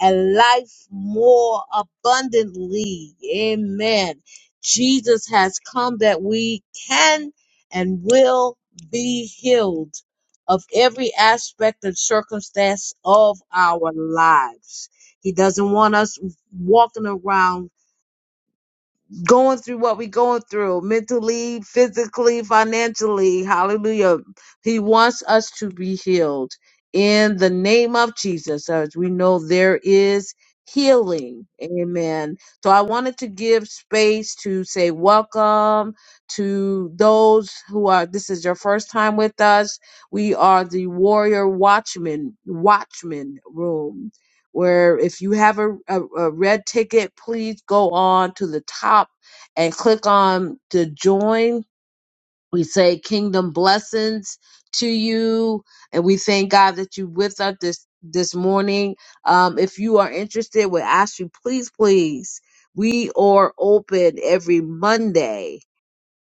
B: and life more abundantly. Amen. Jesus has come that we can and will be healed of every aspect and circumstance of our lives. He doesn't want us walking around going through what we're going through mentally, physically, financially. Hallelujah. He wants us to be healed in the name of Jesus. As we know, there is healing. Amen. So I wanted to give space to say welcome to those who are, this is your first time with us. We are the Warrior Watchman, Watchman Room. Where, if you have a, a, a red ticket, please go on to the top and click on to join. We say kingdom blessings to you, and we thank God that you with us this this morning. Um, if you are interested, we ask you please, please. We are open every Monday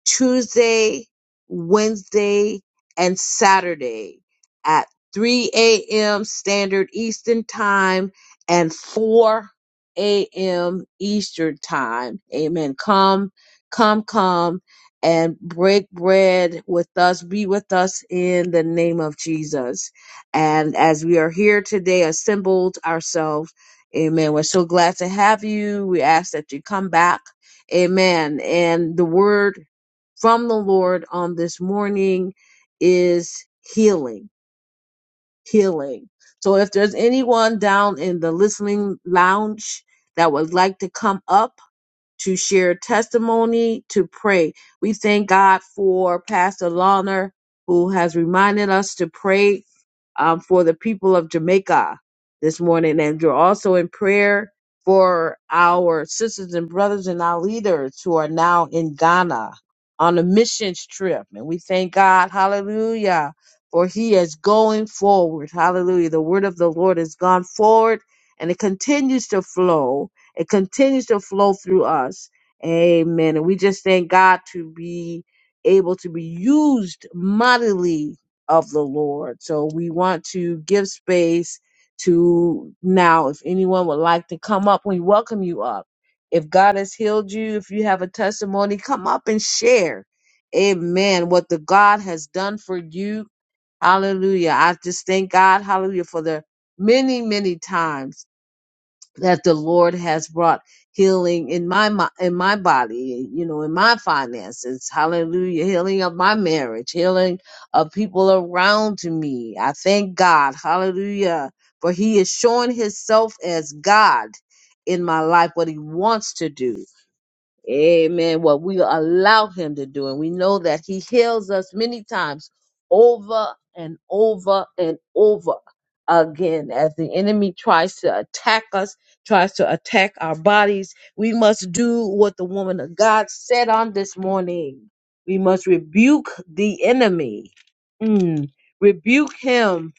B: Tuesday, Wednesday, and Saturday at 3 a.m. Standard Eastern Time and 4 a.m. Eastern Time. Amen. Come, come, come and break bread with us. Be with us in the name of Jesus. And as we are here today, assembled ourselves, amen. We're so glad to have you. We ask that you come back. Amen. And the word from the Lord on this morning is healing, healing. So if there's anyone down in the listening lounge that would like to come up, to share testimony, to pray. We thank God for Pastor Lawner, who has reminded us to pray um, for the people of Jamaica this morning. And we're also in prayer for our sisters and brothers and our leaders who are now in Ghana on a missions trip. And we thank God, hallelujah, for he is going forward. Hallelujah. The word of the Lord has gone forward and it continues to flow it continues to flow through us. Amen. And we just thank God to be able to be used mightily of the Lord. So we want to give space to now, if anyone would like to come up, we welcome you up. If God has healed you, if you have a testimony, come up and share. Amen. What the God has done for you. Hallelujah. I just thank God, hallelujah, for the many, many times that the Lord has brought healing in my mi- in my body, you know, in my finances. Hallelujah. Healing of my marriage, healing of people around me. I thank God. Hallelujah. For he is showing himself as God in my life what he wants to do. Amen. What we allow him to do. And we know that he heals us many times over and over and over again as the enemy tries to attack us, tries to attack our bodies. We must do what the woman of God said on this morning. We must rebuke the enemy. Mm. Rebuke him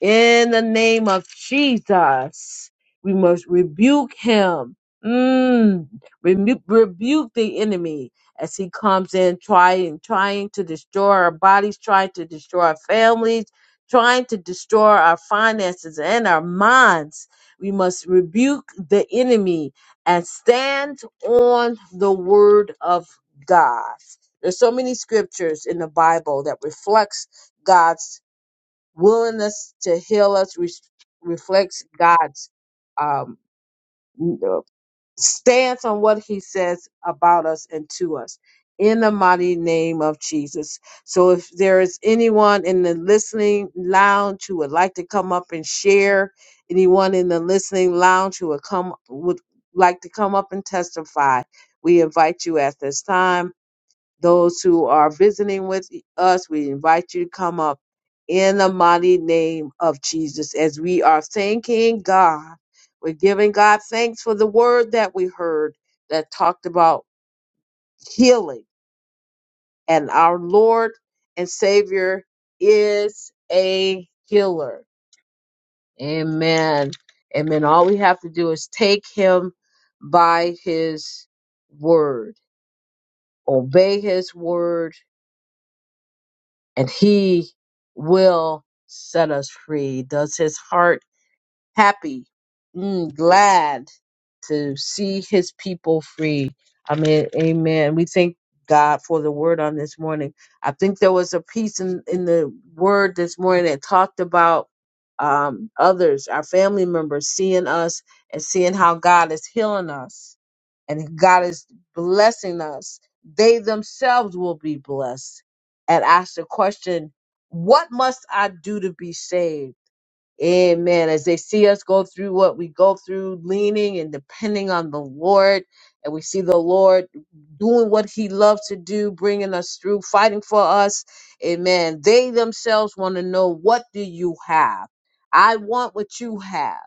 B: in the name of Jesus. We must rebuke him. Mm Rebu- rebuke the enemy as he comes in trying trying to destroy our bodies trying to destroy our families trying to destroy our finances and our minds we must rebuke the enemy and stand on the word of god there's so many scriptures in the bible that reflects god's willingness to heal us re- reflects god's um, stance on what he says about us and to us in the mighty name of Jesus. So if there is anyone in the listening lounge who would like to come up and share, anyone in the listening lounge who would come would like to come up and testify, we invite you at this time. Those who are visiting with us, we invite you to come up in the mighty name of Jesus. As we are thanking God, we're giving God thanks for the word that we heard that talked about healing. And our Lord and Savior is a healer. Amen. Amen. All we have to do is take him by his word, obey his word and he will set us free. Does his heart happy, mm, glad to see his people free. I mean, amen. We thank God for the word on this morning. I think there was a piece in, in the word this morning that talked about um, others, our family members, seeing us and seeing how God is healing us and God is blessing us, they themselves will be blessed. And ask the question, what must I do to be saved? Amen. As they see us go through what we go through, leaning and depending on the Lord, and we see the Lord doing what He loves to do, bringing us through, fighting for us. Amen. They themselves want to know, what do you have? I want what you have.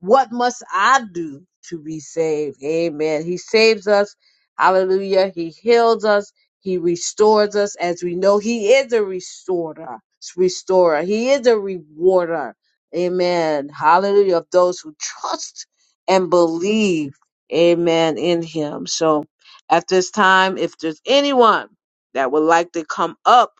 B: What must I do to be saved? Amen. He saves us. Hallelujah. He heals us. He restores us. As we know, He is a restorer. Restorer. He is a rewarder. Amen. Hallelujah. Of those who trust and believe. Amen. In him. So at this time, if there's anyone that would like to come up,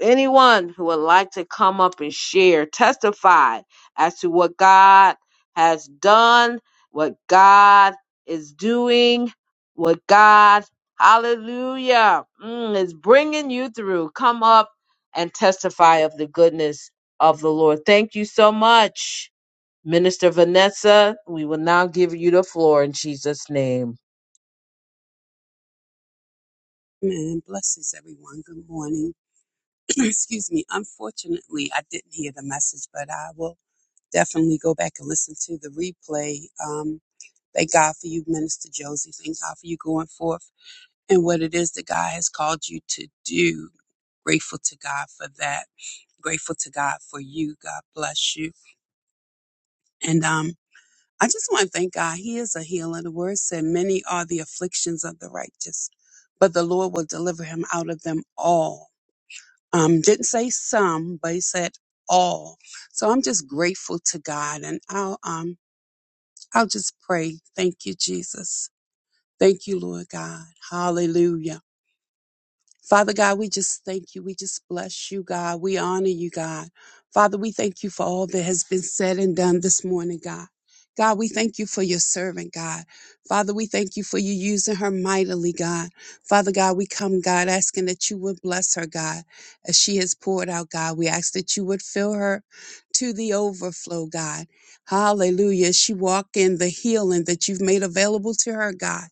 B: anyone who would like to come up and share, testify as to what God has done, what God is doing, what God, hallelujah, mm, is bringing you through. Come up and testify of the goodness of the Lord. Thank you so much, Minister Vanessa. We will now give you the floor in Jesus' name.
F: Amen. Blessings, everyone. Good morning. Excuse me. Unfortunately, I didn't hear the message, but I will definitely go back and listen to the replay. Um, thank God for you, Minister Josie. Thank God for you going forth and what it is that God has called you to do. Grateful to God for that. Grateful to God for you. God bless you. And um, I just want to thank God. He is a healer. The word said, Many are the afflictions of the righteous, but the Lord will deliver him out of them all. Um, didn't say some, but he said all. So I'm just grateful to God, and I'll um I'll just pray. Thank you, Jesus. Thank you, Lord God. Hallelujah. Father God, we just thank you. We just bless you, God. We honor you, God. Father, we thank you for all that has been said and done this morning, God. God, we thank you for your servant, God. Father, we thank you for you using her mightily, God. Father God, we come, God, asking that you would bless her, God, as she has poured out, God. We ask that you would fill her to the overflow, God. Hallelujah. She walk in the healing that you've made available to her, God.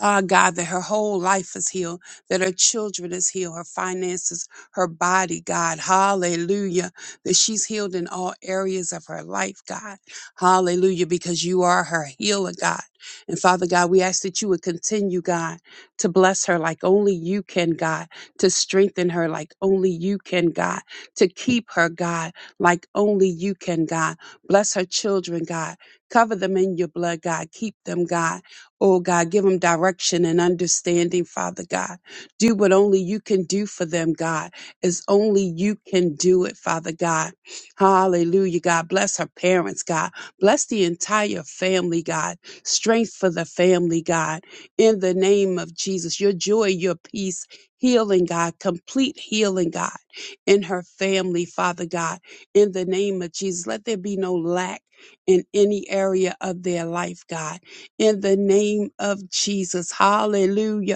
F: Ah, God, that her whole life is healed that her children is healed, her finances, her body, God. Hallelujah. That she's healed in all areas of her life, God. Hallelujah, because you are her healer, God. And Father God, we ask that you would continue, God, to bless her like only you can, God, to strengthen her like only you can, God, to keep her, God, like only you can, God. Bless her children, God. Cover them in your blood, God. Keep them, God. Oh, God, give them direction and understanding, Father God. Do what only you can do for them, God, as only you can do it, Father God. Hallelujah, God. Bless her parents, God. Bless the entire family, God. Strength for the family, God. In the name of Jesus, your joy, your peace, healing, God. Complete healing, God, in her family, Father God. In the name of Jesus, let there be no lack in any area of their life, God in the name of Jesus. Hallelujah.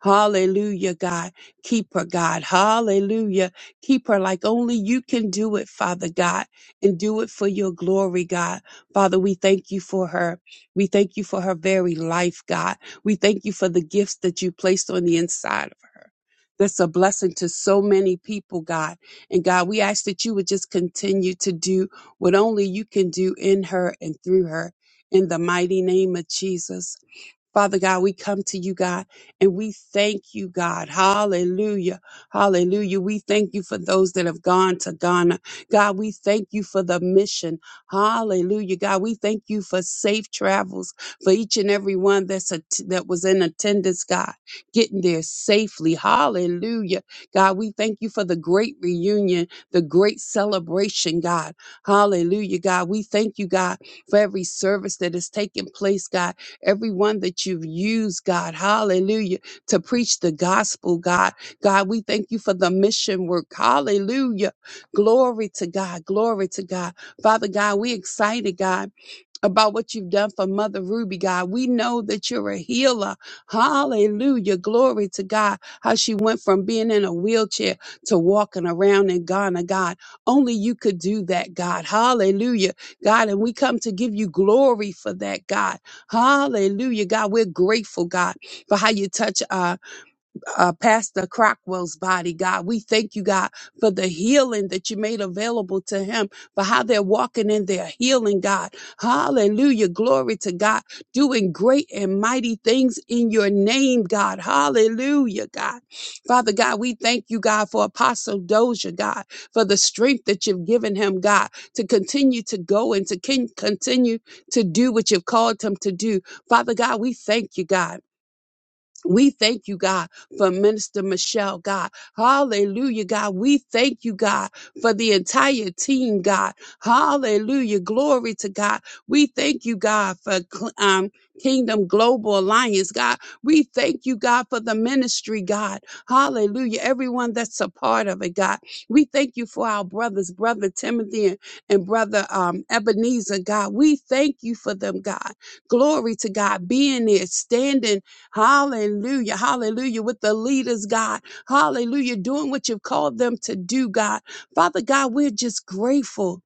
F: Hallelujah, God. Keep her, God. Hallelujah. Keep her like only you can do it, Father God, and do it for your glory, God. Father, we thank you for her. We thank you for her very life, God. We thank you for the gifts that you placed on the inside of her. That's a blessing to so many people, God. And God, we ask that you would just continue to do what only you can do in her and through her. In the mighty name of Jesus. Father God, we come to you, God, and we thank you, God. Hallelujah. Hallelujah. We thank you for those that have gone to Ghana. God, we thank you for the mission. Hallelujah. God, we thank you for safe travels for each and every one that's a, that was in attendance, God, getting there safely. Hallelujah. God, we thank you for the great reunion, the great celebration, God. Hallelujah. God, we thank you, God, for every service that is taking place, God everyone that you've used, God, hallelujah, to preach the gospel, God. God, we thank you for the mission work, hallelujah. Glory to God, glory to God. Father God, we excited, God about what you've done for Mother Ruby, God. We know that you're a healer. Hallelujah. Glory to God. How she went from being in a wheelchair to walking around in Ghana, God. Only you could do that, God. Hallelujah. God, and we come to give you glory for that, God. Hallelujah. God, we're grateful, God, for how you touch us uh, Pastor Crockwell's body, God. We thank you, God, for the healing that you made available to him, for how they're walking in their healing, God. Hallelujah. Glory to God, doing great and mighty things in your name, God. Hallelujah, God. Father God, we thank you, God, for Apostle Doja, God, for the strength that you've given him, God, to continue to go and to con- continue to do what you've called him to do. Father God, we thank you, God. We thank you, God, for Minister Michelle, God. Hallelujah, God. We thank you, God, for the entire team, God. Hallelujah. Glory to God. We thank you, God, for cl- um, Kingdom Global Alliance, God. We thank you, God, for the ministry, God. Hallelujah. Everyone that's a part of it, God. We thank you for our brothers, Brother Timothy and, and Brother um, Ebenezer, God. We thank you for them, God. Glory to God, being there, standing Hallelujah. Hallelujah. With the leaders, God. Hallelujah. Doing what you've called them to do, God. Father God, we're just grateful.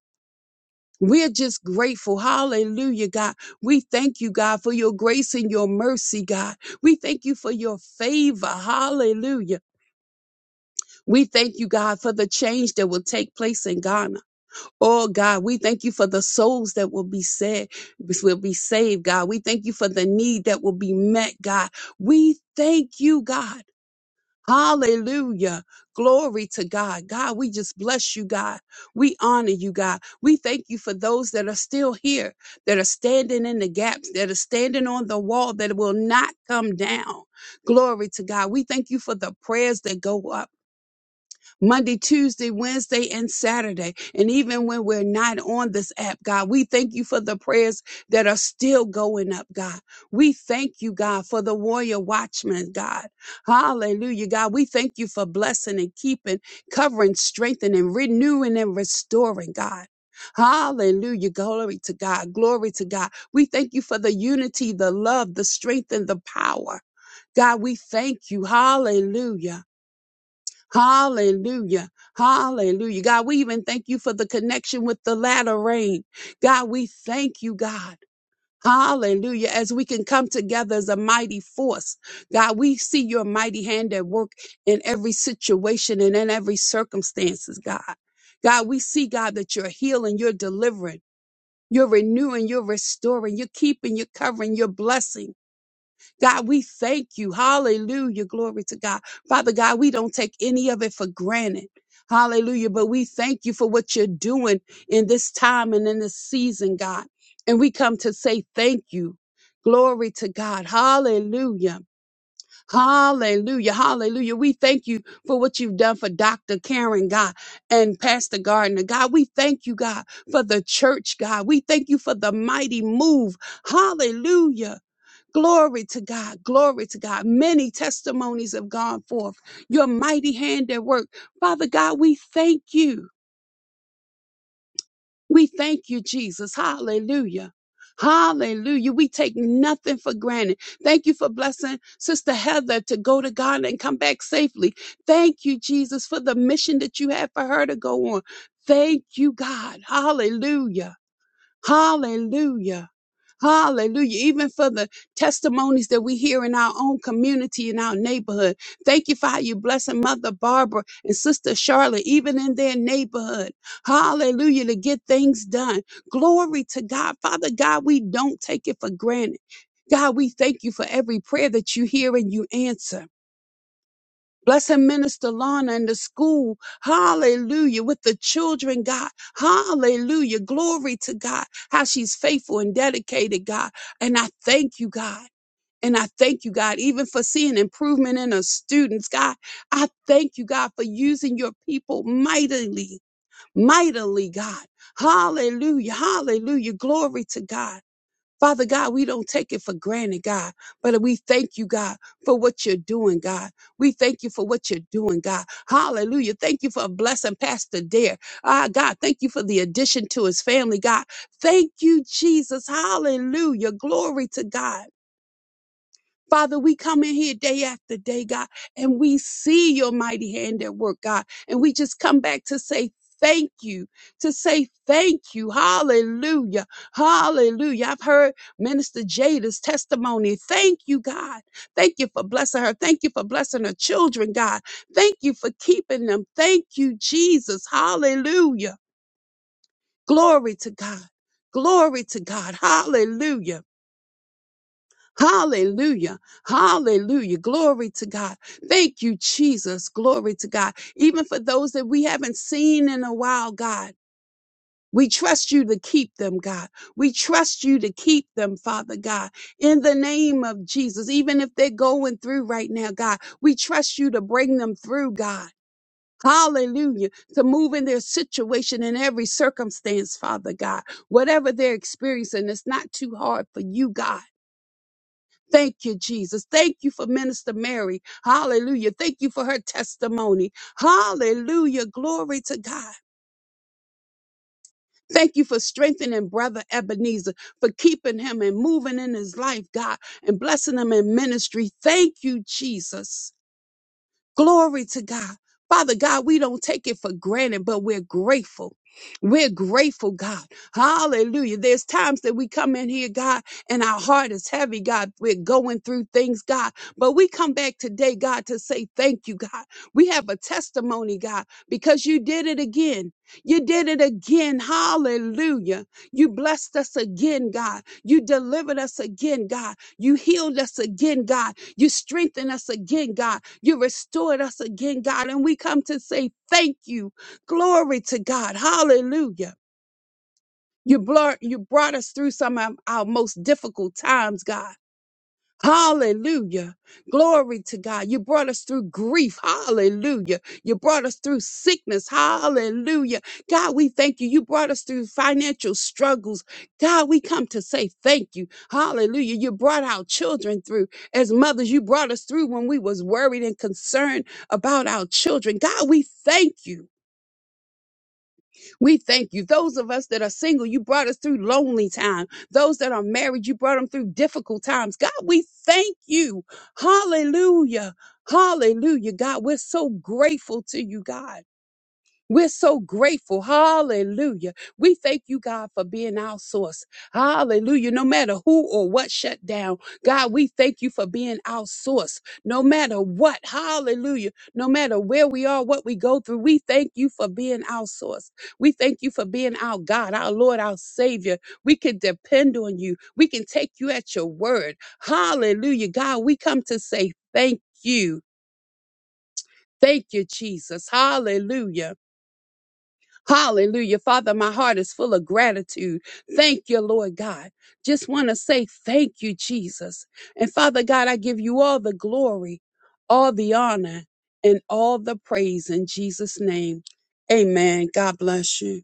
F: We're just grateful. Hallelujah, God. We thank you, God, for your grace and your mercy, God. We thank you for your favor. Hallelujah. We thank you, God, for the change that will take place in Ghana. Oh, God, we thank you for the souls that will be saved, will be saved, God. We thank you for the need that will be met, God. We thank you, God. Hallelujah. Glory to God. God, we just bless you, God. We honor you, God. We thank you for those that are still here, that are standing in the gaps, that are standing on the wall that will not come down. Glory to God. We thank you for the prayers that go up. Monday, Tuesday, Wednesday, and Saturday. And even when we're not on this app, God, we thank you for the prayers that are still going up, God. We thank you, God, for the warrior watchmen, God. Hallelujah, God. We thank you for blessing and keeping, covering, strengthening, renewing, and restoring, God. Hallelujah. Glory to God. Glory to God. We thank you for the unity, the love, the strength, and the power. God, we thank you. Hallelujah. Hallelujah. Hallelujah. God, we even thank you for the connection with the latter rain. God, we thank you, God. Hallelujah. As we can come together as a mighty force. God, we see your mighty hand at work in every situation and in every circumstances, God. God, we see, God, that you're healing, you're delivering, you're renewing, you're restoring, you're keeping, you're covering, you're blessing. God, we thank you. Hallelujah. Glory to God. Father God, we don't take any of it for granted. Hallelujah. But we thank you for what you're doing in this time and in this season, God. And we come to say thank you. Glory to God. Hallelujah. Hallelujah. Hallelujah. We thank you for what you've done for Dr. Karen, God, and Pastor Gardner. God, we thank you, God, for the church, God. We thank you for the mighty move. Hallelujah Glory to God. Glory to God. Many testimonies have gone forth. Your mighty hand at work. Father God, we thank you. We thank you, Jesus. Hallelujah. Hallelujah. We take nothing for granted. Thank you for blessing Sister Heather to go to Ghana and come back safely. Thank you, Jesus, for the mission that you have for her to go on. Thank you, God. Hallelujah. Hallelujah. Hallelujah. Even for the testimonies that we hear in our own community, in our neighborhood. Thank you for how you blessing Mother Barbara and Sister Charlotte, even in their neighborhood. Hallelujah. To get things done. Glory to God. Father God, we don't take it for granted. God, we thank you for every prayer that you hear and you answer. Blessing Minister Lana and the school. Hallelujah. With the children, God. Hallelujah. Glory to God. How she's faithful and dedicated, God. And I thank you, God. And I thank you, God, even for seeing improvement in her students, God. I thank you, God, for using your people mightily, mightily, God. Hallelujah. Hallelujah. Glory to God. Father God, we don't take it for granted, God, but we thank you, God, for what you're doing, God. We thank you for what you're doing, God. Hallelujah. Thank you for blessing Pastor Dare. Ah, God, thank you for the addition to his family, God. Thank you, Jesus. Hallelujah. Glory to God. Father, we come in here day after day, God, and we see your mighty hand at work, God. And we just come back to say, Thank you to say thank you. Hallelujah. Hallelujah. I've heard Minister Jada's testimony. Thank you, God. Thank you for blessing her. Thank you for blessing her children, God. Thank you for keeping them. Thank you, Jesus. Hallelujah. Glory to God. Glory to God. Hallelujah. Hallelujah. Hallelujah. Glory to God. Thank you, Jesus. Glory to God. Even for those that we haven't seen in a while, God. We trust you to keep them, God. We trust you to keep them, Father God, in the name of Jesus. Even if they're going through right now, God, we trust you to bring them through, God. Hallelujah. To move in their situation in every circumstance, Father God. Whatever they're experiencing, it's not too hard for you, God. Thank you, Jesus. Thank you for Minister Mary. Hallelujah. Thank you for her testimony. Hallelujah. Glory to God. Thank you for strengthening Brother Ebenezer, for keeping him and moving in his life, God, and blessing him in ministry. Thank you, Jesus. Glory to God. Father God, we don't take it for granted, but we're grateful. We're grateful, God. Hallelujah. There's times that we come in here, God, and our heart is heavy, God. We're going through things, God. But we come back today, God, to say thank you, God. We have a testimony, God, because you did it again. You did it again. Hallelujah. You blessed us again, God. You delivered us again, God. You healed us again, God. You strengthen us again, God. You restored us again, God. And we come to say thank you. Glory to God. Hallelujah. You, blur, you brought us through some of our most difficult times, God. Hallelujah. Glory to God. You brought us through grief. Hallelujah. You brought us through sickness. Hallelujah. God, we thank you. You brought us through financial struggles. God, we come to say thank you. Hallelujah. You brought our children through. As mothers, you brought us through when we was worried and concerned about our children. God, we thank you. We thank you. Those of us that are single, you brought us through lonely time. Those that are married, you brought them through difficult times. God, we thank you. Hallelujah. Hallelujah. God, we're so grateful to you, God. We're so grateful. Hallelujah. We thank you, God, for being our source. Hallelujah. No matter who or what shut down, God, we thank you for being our source. No matter what, hallelujah. No matter where we are, what we go through, we thank you for being our source. We thank you for being our God, our Lord, our Savior. We can depend on you. We can take you at your word. Hallelujah. God, we come to say thank you. Thank you, Jesus. Hallelujah. Hallelujah. Father, my heart is full of gratitude. Thank you, Lord God. Just want to say thank you, Jesus. And Father God, I give you all the glory, all the honor, and all the praise in Jesus' name. Amen. God bless you.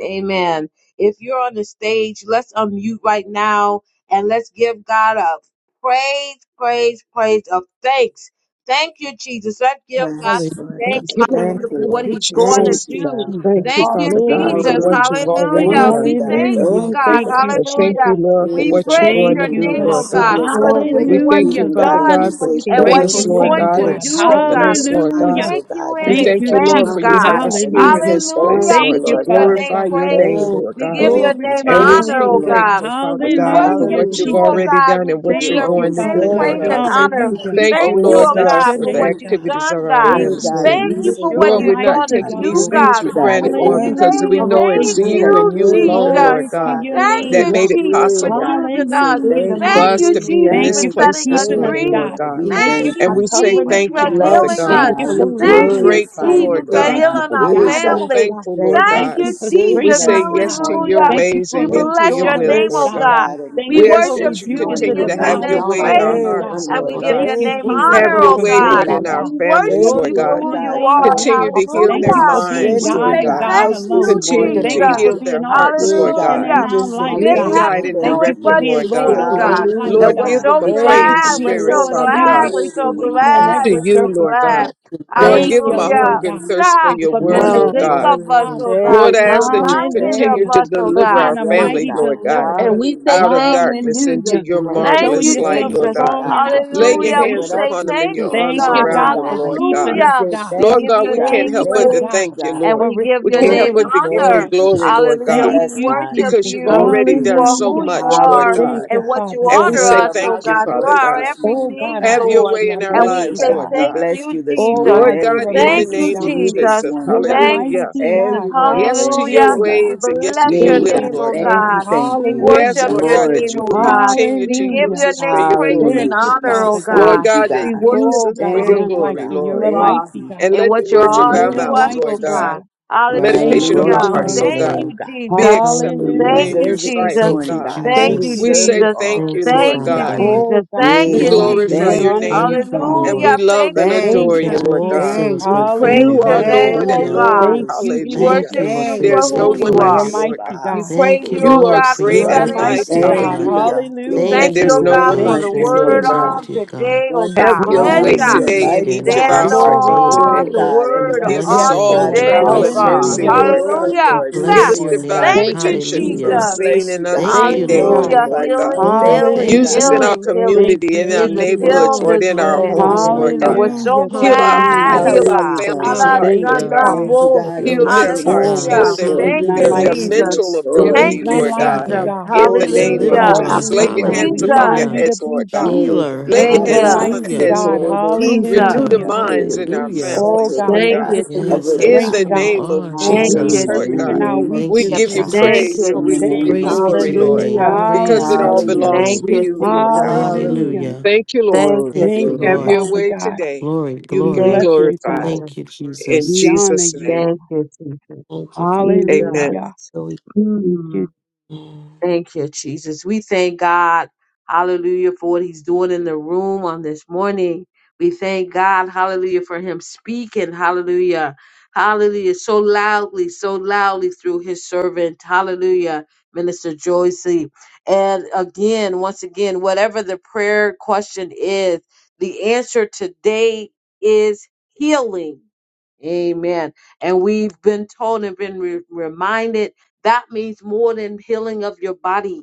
B: Amen. If you're on the stage, let's unmute right now and let's give God a praise, praise, praise of thanks. Thank you, Jesus. Let's give God
F: Hallelujah.
A: Yes, Lord
E: Thank
A: God.
B: thanks.
E: you,
A: Thank
B: Hallelujah
E: Lord.
A: you,
B: for
E: Thank
B: what
A: Lord.
E: you,
B: he's going to
F: Thank
A: Thank
E: Jesus.
A: you,
F: you,
B: do.
A: God.
E: Thank
F: Jesus.
E: you,
B: Thank
C: Oh,
B: you,
E: Father God,
F: Glory
E: for
B: Jesus.
E: what
A: Hallelujah,
F: God.
E: you've
A: God.
E: already
B: Hallelujah.
A: Thank you,
E: done,
B: We
A: God.
E: Lord
B: thank
E: God.
B: you,
F: Hallelujah.
A: Thank you,
B: God.
F: Thank
A: God.
F: you,
E: And thank you,
B: Hallelujah.
F: Jesus.
E: Lord, for
B: We
A: Hey,
E: what you're
A: God,
B: praise
E: going
F: Thank
E: to
B: your
A: you
F: you,
E: do,
A: are
B: name,
A: a
B: oh
E: Lord
F: God.
B: God.
E: God.
A: sickness, God,
C: Lord,
B: Hallelujah
A: and
C: wait
E: We
B: for
A: our
B: what
E: thank
B: you've
E: you,
F: Hallelujah.
A: healing,
E: Father
A: God, and
B: done
A: we
E: God, for
C: all
A: say
C: you can
B: and
E: keeping
B: what
A: thank
C: do
F: Grateful
B: you're
E: us,
C: to
A: you,
F: to
E: Lord
C: move,
A: God.
F: you,
B: going
E: God,
B: to
C: Lord
E: and
F: God.
B: do,
C: God,
B: oh
A: You
E: strengthening
B: God.
A: heal
E: us,
B: We
A: our
E: Lord
B: just
E: God.
A: bodies,
F: Hallelujah.
A: oh
B: thank
A: God.
B: you
A: You
E: We
B: in
C: Father.
F: Thank
A: touch
E: thank
F: you,
A: our
E: you, Lord,
B: advance,
C: Thank
E: for
F: Jesus.
E: you
C: you
A: minds, oh
B: God.
E: have
A: God,
E: us
A: and we
E: here in
A: say
F: Hallelujah.
E: this place,
A: thank
B: Hallelujah.
A: you,
F: Thank
B: We
E: Lord, to
F: you,
B: give
A: Lord
B: your
F: Father
A: God.
B: name
E: glorify
F: God.
E: your
C: for you
E: name,
B: praise.
C: have
A: Thank
E: Lord
A: you,
B: We
E: God.
B: give
C: to
B: your
A: thank
F: Glory
A: you,
B: name
F: to
C: do
E: And
C: what
F: your
E: we're
A: thank
B: honor,
C: you
E: so
A: you,
F: name,
B: oh
C: do.
A: Lord.
F: God.
B: God.
E: grateful, Father
B: We
E: God, for
B: worship
F: Hallelujah,
E: what you've
A: Hallelujah,
B: you, oh
F: Jesus.
A: God.
E: already
B: God.
E: done
B: We
E: and
B: give
E: what
A: You're
E: you're
F: Thank
B: your
F: you,
E: going to
A: always
C: you
B: name
F: Father
E: do,
A: there
E: Lord
F: God.
B: praise
C: decrease
A: for
B: and
E: God.
C: it,
A: us, oh
B: honor.
C: you
A: God.
F: Hallelujah.
C: increase
A: You
E: Thank
B: Thank
E: you,
A: always
B: you,
F: Oh,
E: Lord
B: oh
A: see
F: bless
E: God,
B: God,
F: your
A: us
E: for
B: for
E: the
B: what
F: name,
A: through,
B: you've
A: God.
F: God.
E: activities of
B: done,
E: our
B: God.
F: Thank
A: Hey,
E: limbs,
F: you,
A: God,
C: it.
E: Lord.
A: and
B: Thank
A: we
C: Continue
F: Jesus.
B: you
A: say
B: for
C: to
F: You're
B: what
F: a
E: Lord,
C: move
A: thank
B: you're
E: we're not
A: you,
B: going
F: mighty
B: to
A: God.
C: to
E: taking
C: the
F: God.
B: do,
E: these
C: Lord.
A: Thank
E: things
B: God.
A: you,
E: for
A: God.
B: We
E: granted,
C: It's
E: Lord,
A: Thank
E: because
A: you
B: say
E: we
F: Hallelujah,
C: covered
E: know
A: for
E: it's
B: thank
F: Jesus.
C: under
A: being
E: you
C: the
A: a
E: and
B: you,
E: you
A: good,
E: alone,
A: good
E: Lord
F: Glory
B: Jesus.
F: to
E: God,
F: your
A: Father, Lord
B: Thank
E: that
F: name,
B: you,
A: God.
C: grace
E: made it
F: God.
B: Jesus, for
A: Yay,
E: possible
A: God, we
B: choosing
A: say
B: us.
C: in
F: Hallelujah,
C: the
A: thank
E: for
A: you.
C: mighty
B: Thank
F: Jesus.
E: us
B: you,
E: to
C: name of
E: be in
B: Jesus,
C: Jesus.
F: Thank
B: for
E: this
F: you
A: Thank
F: for
A: you,
E: place
B: setting
E: this
B: us
F: keeping
A: thank
F: us,
C: Thank
E: morning,
A: you,
B: free.
E: Lord
F: God.
A: Lord.
E: God.
A: We
C: you,
F: Thank
B: Thank
A: thank
F: you for
E: And
B: you,
E: we
A: you.
E: say
F: covering
C: Lord.
B: Jesus,
F: us,
A: We
E: thank
B: for
E: you,
F: God.
E: Father
C: We
B: healing
A: bless you,
C: thank
B: us.
F: Thank
E: God.
C: you
F: you
C: for
A: God.
F: for
C: your
A: We
C: power.
E: We're
B: Thank
F: leading
B: you,
F: us,
E: grateful,
A: glorify
F: God.
C: We
A: you,
B: Jesus,
E: Lord
B: for
C: thank you,
A: Lord
E: God.
F: Thank you
C: Lord
A: God.
B: healing
F: for
B: our
C: God.
E: We're
A: Hey,
F: guiding
E: so
A: God.
F: us,
B: family.
F: God.
E: thankful, Lord
A: Thank
C: Lord,
A: you
B: Thank
F: Thank
E: God.
A: for
F: you
B: you,
F: for
C: such a
E: We
A: saving
B: Jesus.
F: strengthening
A: us
F: us,
E: say
A: this
E: yes
F: God.
E: to
A: morning,
E: your
B: Hallelujah.
A: God.
F: Thank you
E: ways
F: for
B: We
E: and yes
A: Thank you
E: to
B: bless
E: your
A: for
C: far
B: your
F: restoring
E: will,
F: us,
B: name,
E: Lord
B: oh
A: mercy,
F: God.
E: God.
B: God.
C: God.
A: God, and
F: Thank
B: We
E: We
F: you
E: ask
F: for
A: grace
E: that
B: worship
E: you
A: this
B: you.
F: rebuking
C: Continue
B: We
F: the
A: morning,
C: to
E: continue
B: give
A: oh
E: to
B: your
E: have
A: God.
C: move and
E: your
F: devourer
B: name
C: all
E: way
C: our
E: in
F: for
E: our
F: us,
B: praise
C: the
A: Thank
F: God.
A: you,
E: hearts,
C: brothers,
B: and
E: Lord
B: we
C: Lord
A: Lord.
B: give
C: God.
E: God.
F: Thank
B: your
F: you,
A: Thank
B: name
C: Those
A: you,
F: Jesus,
C: that
E: Have
B: honor,
F: for
E: your
A: Rabba.
B: oh
E: way,
A: Stay,
C: naturally
B: God.
E: Lord,
C: lie,
E: in
F: provision,
A: Baba.
E: our
B: We
F: God.
E: families,
B: worship
A: Thank
F: Doors
E: Lord
B: you
A: you,
B: for
E: God.
A: Lord
F: open
B: who
F: and
B: you
A: God,
C: Lord
F: ways
B: are.
C: God.
A: for
E: Continue
F: made.
E: to
C: All
A: just
E: heal
A: giving
F: Thank
E: their
A: us
F: you
C: across
A: the
B: Hallelujah.
F: for
C: the
F: being
E: minds,
A: strength
B: We
A: to
C: world,
E: Lord
A: be
F: God
A: in
B: say
F: and
A: the
E: God.
C: God.
F: God
B: thank
A: house this
F: alone.
C: You
B: you,
C: meet
E: Continue
C: us
A: morning,
F: Thank
A: oh
E: to
C: where
F: you
B: Jesus.
F: for
A: God.
C: we
E: heal
C: are,
E: their
F: being
C: Lord.
F: all
E: hearts,
A: Yea,
E: Lord
A: God,
F: sufficient
E: God.
C: You
F: in
B: Hallelujah.
A: we
F: our
A: just
C: move
B: You
A: say
F: life,
E: Lead,
B: didn't
F: God.
C: mightily,
A: thank
B: have
E: guide,
C: Lord
A: you,
B: to
E: and
C: God.
F: Thank
B: do
A: thank
F: you
B: it,
E: direct
F: for
A: you.
E: them,
B: but
C: You
F: being
B: you
E: Lord
C: fix
E: God
F: Lord
B: did,
F: over our
B: God.
C: situations that
F: life,
C: need
B: And
C: to
A: Hallelujah,
E: Lord,
B: we're
F: God.
E: give
A: God.
E: them
B: so
E: a
C: be fixed.
F: Thank
A: Thank
F: you
E: praying
F: for
B: glad.
A: you.
B: We're
F: being
E: spirit,
B: so
F: Lord in
E: Father
A: Rabba,
C: You
B: glad.
E: God,
F: every
B: We're so
C: are
F: situation and
C: able.
B: glad.
E: to
B: We're
F: every
E: you,
B: so
A: Baba.
E: Lord
B: glad.
F: circumstance.
C: Yes,
E: God.
C: Lord
E: Lord,
C: God.
A: Thank
F: Thank
E: give them
F: you,
A: you,
E: a
A: God.
F: Lord
B: Hallelujah.
E: hunger and
F: God,
E: thirst for
C: So
B: Yeah.
C: we
E: your
F: for being
B: That
C: glorify
E: word,
F: a
B: you
E: oh
F: good,
B: think
C: your
E: God.
F: good
B: of
C: holy
B: us,
A: Hallelujah.
C: name, Lord
B: oh
F: Father.
C: God.
B: God,
E: Lord,
A: Thank
B: and
E: I
A: you.
B: you
E: ask that
C: Thank you,
A: Lord.
E: you
B: reminded
E: continue
B: of
A: Thank
F: Hallelujah.
E: to
B: us,
A: you,
B: oh
F: For
E: deliver
B: God.
F: being
A: Jesus.
E: our
F: a
C: thank
A: Yes,
C: you,
A: oh
E: family,
F: mighty
E: Lord
A: God.
E: God,
F: deliverer.
B: And we
A: Hallelujah.
B: say
E: out of
B: thank
A: Thank
B: you,
A: you.
E: darkness into
B: Jesus.
C: we
F: Hallelujah.
E: your
C: glorify
F: For
A: Thank you
B: Thank
A: for
F: showing
E: marvelous
B: you,
A: the
E: light,
F: yourself
E: Lord
B: Jesus.
A: answers, oh
C: you.
E: God.
F: strong
C: Thank
A: God,
F: in
A: to the
F: our
E: Lay
A: prayers
E: your
B: Hallelujah.
A: that
B: We
A: went
E: hands
F: situation.
A: up
B: say
E: upon
A: to
E: them
A: you
E: and
B: thank
A: this
E: your
C: you,
B: you,
E: arms
F: Thank you,
B: God.
A: morning,
E: around
F: God,
E: them,
F: for
A: God.
E: Lord
C: thank
E: God.
F: keeping
A: We
F: us,
B: Hallelujah.
A: say
F: God.
B: We
E: Lord
A: thank
B: give
E: God,
A: you,
B: your
E: we
A: God.
E: can't
B: name
C: you,
F: Thank
E: help but
F: you,
C: God.
E: to
B: praise
A: Thank
F: God,
A: you,
E: thank
C: Lord
E: you,
C: God.
A: God.
B: and
E: Lord.
F: for
B: we give
E: We
B: your
E: can't
C: Your
E: help
A: Thank
B: name
F: restoring
E: but
A: you.
F: us,
E: to give
F: God.
E: you
B: honor.
A: Thank you,
E: glory, Lord
A: Jesus.
B: Hallelujah.
E: God,
F: Thank
B: We
A: Yes,
F: you,
A: God.
B: worship
E: because
F: Jesus.
E: you've
C: sweet
B: you
A: Thank
E: already
A: you.
E: done
B: for
E: so
B: who
F: Hallelujah.
B: you
E: much, Lord
B: are
F: Thank
A: Hallelujah,
E: God.
F: you,
B: and
A: God,
B: what
A: that
B: you
F: Father
A: you
E: And we
B: honor
F: God.
A: filled
E: say
C: thank
B: us,
A: our
E: thank
B: oh
A: mouths
E: you,
A: with
B: God.
C: you.
B: You
E: Father
A: words
E: God.
B: are
A: this
F: Oh
A: morning, oh
F: God,
B: everything,
F: I
E: Have
A: God.
F: bless
E: your
B: Lord.
E: way
F: you. I
E: in our
B: And
F: bless
B: we
A: Yea,
F: you,
E: lives,
B: say
E: Lord
A: God,
F: God.
A: we
B: thank
E: God.
A: bless
B: you,
A: you this
F: Oh
B: Jesus.
A: morning.
E: Lord
F: God,
A: Every
E: God,
F: you're a
E: in the
B: Thank
A: praise
F: mighty
A: is
B: you,
A: to
E: name of
F: God.
A: you this
E: Jesus,
B: Jesus.
A: morning,
F: You're a
A: God.
B: Thank you,
E: hallelujah.
F: mighty
B: Jesus.
F: God.
A: Every word of
E: Yes to
A: worship,
E: your
B: Hallelujah.
A: oh
F: Hallelujah.
B: We
A: God.
E: ways and yes to
B: bless
C: Thank
E: your
B: your
A: Yea,
F: Thank
E: will,
F: you,
B: name,
A: God,
E: Lord
B: oh
E: God.
A: thank
F: Jesus.
A: you,
B: God.
A: thank
B: We
A: you.
E: We ask,
B: worship
F: Hallelujah.
E: Lord
B: your
E: God,
A: Lord,
E: that
B: name,
E: you
A: we
B: oh
E: will
A: thank
B: God.
A: you.
E: continue
B: We
E: to
B: give
E: use
F: Hallelujah.
B: your
E: us for
B: name
E: your
B: praise
E: glory.
B: and
F: Thank
A: Hallelujah,
F: you,
B: honor, oh
F: Father
A: Jesus.
F: God.
E: Lord
B: God.
A: Thank you,
E: God, that
B: We
A: God.
E: use
B: worship
F: Oh
E: us
B: you
E: for
B: for
F: God,
E: your
F: none
A: Thank you,
F: like
E: glory,
F: you.
B: who
A: God.
F: You're
E: Lord.
F: a
B: you
A: Thank
B: are
F: mighty
A: you.
F: God.
E: And
B: and
E: let the
B: what you
E: words of
B: are
E: our
B: to
F: You're
A: Hallelujah,
F: a
E: mouths,
B: us,
E: Lord
B: oh
F: mighty
A: Jesus.
E: God,
B: God.
F: God.
E: the
A: Our
D: we
F: Thank
E: meditation of
F: you,
A: hallelujah
E: our
B: Hallelujah.
D: glorify
F: Jesus.
E: hearts,
D: your
E: oh
A: belongs to
B: Thank
E: God,
B: you,
A: you,
D: name
A: God.
E: be
B: Jesus.
A: For you
E: acceptable
B: Thank
D: hallelujah
E: in
F: Hallelujah.
B: you,
E: your
A: deserve it
E: sight,
A: this
B: Jesus.
E: oh
D: thank
A: morning,
D: you
E: God.
A: God. You
B: Thank
C: you,
F: Thank
B: you,
D: jesus
F: you,
E: We
A: deserve
E: say
A: it
F: Jesus.
B: Jesus.
A: all
E: thank you,
D: thank
A: this
D: you
E: Lord
B: Thank
A: morning,
D: father
B: you,
E: God.
A: God.
D: god
B: Jesus.
F: Oh God,
B: Thank
E: We
F: we
A: Yay,
B: you,
A: God.
F: honor
D: Thank
F: you.
E: glorify
B: Jesus.
F: We
E: your
D: you.
A: Thank you,
F: honor
E: name
A: God.
D: Thank
F: you,
D: you,
F: God.
A: Mm.
E: and
B: Hallelujah.
E: we
D: Lord.
E: love
B: Thank
E: and
B: you,
D: You
A: Thank
F: Thank
A: you,
E: adore
D: can
E: you,
F: you,
B: Jesus.
A: God.
D: do
E: Lord
D: all
E: God.
F: Jesus.
D: things
A: Thank
B: We
D: but
A: you.
D: fail.
B: praise
E: You
B: your
E: are
F: Hallelujah.
B: name,
E: Lord
A: Thank
E: and
B: oh
A: you,
D: Hallelujah.
E: Lord.
B: God.
F: Thank you,
A: Urubose.
B: We
E: Hallelujah.
D: Thank
F: Jesus.
B: worship
D: you, Lord, for
B: you
A: Thank
C: thank
D: your
B: for
E: There's
A: you,
E: no
C: you,
B: who you
E: one
C: Lord.
E: like
F: You're
B: are.
F: a
E: you,
A: Urubose.
D: faithfulness.
E: Lord God.
F: mighty
B: We
F: God.
A: Bahasi,
B: praise
D: Thank you,
B: you, O
E: You are
D: Lord,
B: God,
D: for
A: Urubose,
B: for
D: your
E: great
C: Glory
F: You're
A: Bah.
F: a
E: and
C: to
B: setting
C: your
B: us
D: goodness,
E: mighty.
F: mighty
D: dear
C: holy
B: free.
A: Thank
F: God.
A: you,
D: God.
E: Hallelujah.
A: God.
B: We
A: Glory
F: Hallelujah.
B: thank
E: And
D: Thank
A: to
B: you,
D: you,
E: there's
B: O
A: your
D: O
E: no
B: God,
E: one
B: for
D: God,
F: Thank
E: like
B: the
A: name
E: you,
F: you,
D: for
A: this
D: all
C: name.
D: you
E: Lord
B: word
A: morning,
E: God.
D: do,
F: Jesus.
B: of
A: God.
D: dear
B: the
D: God,
B: day, O
E: Have
B: God.
A: Wonderful
E: your
D: over
E: way
D: and
B: Esha,
A: counselor,
E: today
D: over
F: Hallelujah.
E: in
B: we
A: mighty
D: again.
E: each
D: We
E: of
A: God.
B: stand
E: our
D: bless your
E: hearts
F: Glory
E: on
F: to
D: name.
B: on
A: Oh
E: today.
F: God.
B: the
C: Thank
A: God,
C: you.
D: We
B: word
E: Give us
D: bless
F: Yes,
A: everlasting
B: on
D: your
E: all
D: name.
A: Father,
F: Lord.
D: We
B: today,
E: travel
A: King
B: O
E: and
A: of
D: bless your
A: Kings,
B: God.
E: mercy,
F: Hallelujah.
A: the
D: name.
C: Glory
E: Lord
C: to
A: Lord
E: God.
C: your
A: of
D: We
B: Hallelujah.
A: Lords,
C: holy
E: Give
B: Yeah.
A: this
D: bless
C: name.
E: us
D: your
A: morning,
E: divine
D: name.
A: God.
B: Thank
F: Thank
B: you,
F: you,
E: protection
A: We
E: from
D: Hallelujah.
F: Jesus.
A: just
B: Jesus.
E: seen
A: bless you,
E: and
C: Thank
A: God.
D: Thank
A: We
F: Thank
E: unseen
D: you,
F: you,
E: danger,
D: Lord.
F: God.
B: Hallelujah.
A: glorify
E: Lord
A: you.
E: God.
A: We
B: Healing,
D: Lord, I
A: thank
C: you,
A: you,
C: thank
B: healing,
E: Use
D: thank
A: God.
E: us
F: Hallelujah.
E: in
A: We
E: our
D: you.
B: healing,
A: thank
B: healing
A: you,
F: Thank
E: community,
F: you,
E: in our
B: is
A: thank
D: Thank
B: the
A: you,
D: you,
F: Jesus.
A: thank
E: neighborhoods,
A: you.
E: Lord,
D: Lord.
B: children's
E: in our
B: bread.
E: homes,
D: Hallelujah.
E: Lord
B: And
E: God
A: Hallelujah,
C: you,
B: we're so
A: God.
F: Hallelujah.
E: Heal
F: Thank
E: our
F: you,
B: glad, oh
E: heal
D: Hallelujah.
F: Jesus.
E: our
A: Hallelujah,
B: God.
E: families'
A: God.
C: thank
B: Allah,
E: heart,
F: Thank
E: Lord
F: you,
D: Hallelujah.
E: God.
F: God.
A: Thank you,
B: Shana,
C: you,
A: God,
D: You're a
E: Heal
A: for
E: their
A: seeing
D: mighty
A: us
F: Oh
E: hearts.
A: through the
D: God.
B: Hallelujah.
E: Heal
F: God,
E: their
F: there is
A: storm,
B: Thank
F: none
B: you,
E: their,
F: like
E: their
D: Hallelujah.
A: Jesus.
F: you.
A: Through
B: Jesus.
A: the
E: mental
C: thank you,
F: There is
B: Thank
E: ability,
A: storm,
D: Thank you,
B: you,
F: none
A: dear
E: Lord
F: like
A: God.
E: God.
F: you,
B: Jesus.
D: Father.
F: God.
E: In the
A: Hold
C: thank you
A: your
E: name
C: for
A: head,
E: of
C: being
B: Hallelujah.
F: All we
C: our
D: Deliverer.
E: Jesus,
A: God.
E: lay
F: need,
C: buckler.
E: your
F: God,
E: hands
A: Hmm.
F: we
E: upon their
B: Jesus.
F: find
D: Hallelujah.
F: you to
E: heads,
F: be
E: Lord God.
F: God.
A: Yea,
D: Healer.
A: God,
E: Lay
A: how
E: your
B: Thank
F: You're
A: did
F: a
E: hands
A: I
B: you,
A: buy
E: upon the
F: mighty
A: sick,
D: Hallelujah.
C: Thank
E: heads,
C: you,
A: oh,
F: God.
A: no
E: Lord.
A: more sick?
E: Renew
B: Jesus.
E: the
D: Comforter.
A: We
F: Hallelujah.
A: pray
E: minds
A: that
E: in
A: you
E: our
A: be
D: Hallelujah.
C: thank
F: Oh
C: you
E: families,
A: sheltered,
C: for
F: God,
E: Lord
A: oh
C: your
B: Thank
F: thank
E: God.
A: God,
C: protection
F: you
B: you,
A: and
F: for
C: of
F: your
D: Yes,
C: other
A: covered,
B: Jesus.
D: that
A: oh
D: is
E: In
F: strength,
A: God.
E: the
D: who
C: dangers
D: you
F: God.
C: around.
E: name of
D: are,
F: It's
D: dear
B: Thank
F: made
E: Jesus,
B: you,
D: God.
A: Hallelujah,
E: Lord
A: in
F: perfect
C: When
A: the
E: God.
F: in
B: Jesus.
C: we
F: our
A: name
C: just
A: of
E: We
D: Thank
F: weakness,
D: you,
E: give
C: kept and
E: you
C: we
F: God.
A: Jesus.
C: didn't
B: Thank
D: Jesus.
C: even
E: praise
B: you,
C: know
E: and
A: In
E: we
A: the
E: give
B: Jesus.
E: you
F: Thank
A: name of
D: Praise
F: you,
D: be
E: glory,
D: to
A: Jesus.
C: what
D: your
F: Jesus.
E: Lord,
C: was
D: name.
B: Hallelujah.
C: going on.
E: because
D: Praise
E: it
D: be
E: all
D: to your
F: Hallelujah.
A: Hallelujah.
E: belongs
B: Thank
D: name.
E: to
C: We
B: you,
E: you,
C: say
E: Lord God.
B: Jesus.
F: Hallelujah.
A: Hallelujah.
D: Hallelujah.
E: Thank you, Lord.
B: Thank
A: Glory,
B: you,
D: Thank you,
F: Thank
B: Jesus.
F: you,
E: Have
A: glory.
D: Lord.
E: your
F: Father
E: way
F: God.
E: today.
D: Glory,
E: You
F: We
E: be
F: bless
D: glory.
B: Thank you,
F: you,
E: glorified.
F: God.
B: Jesus.
D: Thank you,
E: In
F: We
D: Jesus.
F: honor
E: Jesus'
F: you,
E: name,
F: God.
B: Thank you, Jesus.
C: thank you,
B: Jesus.
E: amen.
F: Hallelujah.
C: Father.
F: Thank
B: Mm.
F: you.
C: And
B: Thank you, Jesus. We thank God, hallelujah, for what he's doing in the room on this morning. We thank God, hallelujah, for him speaking, hallelujah, hallelujah, so loudly, so loudly through his servant, hallelujah, Minister Joycey. And again, once again, whatever the prayer question is, the answer today is healing. Amen. And we've been told and been re- reminded that means more than healing of your body.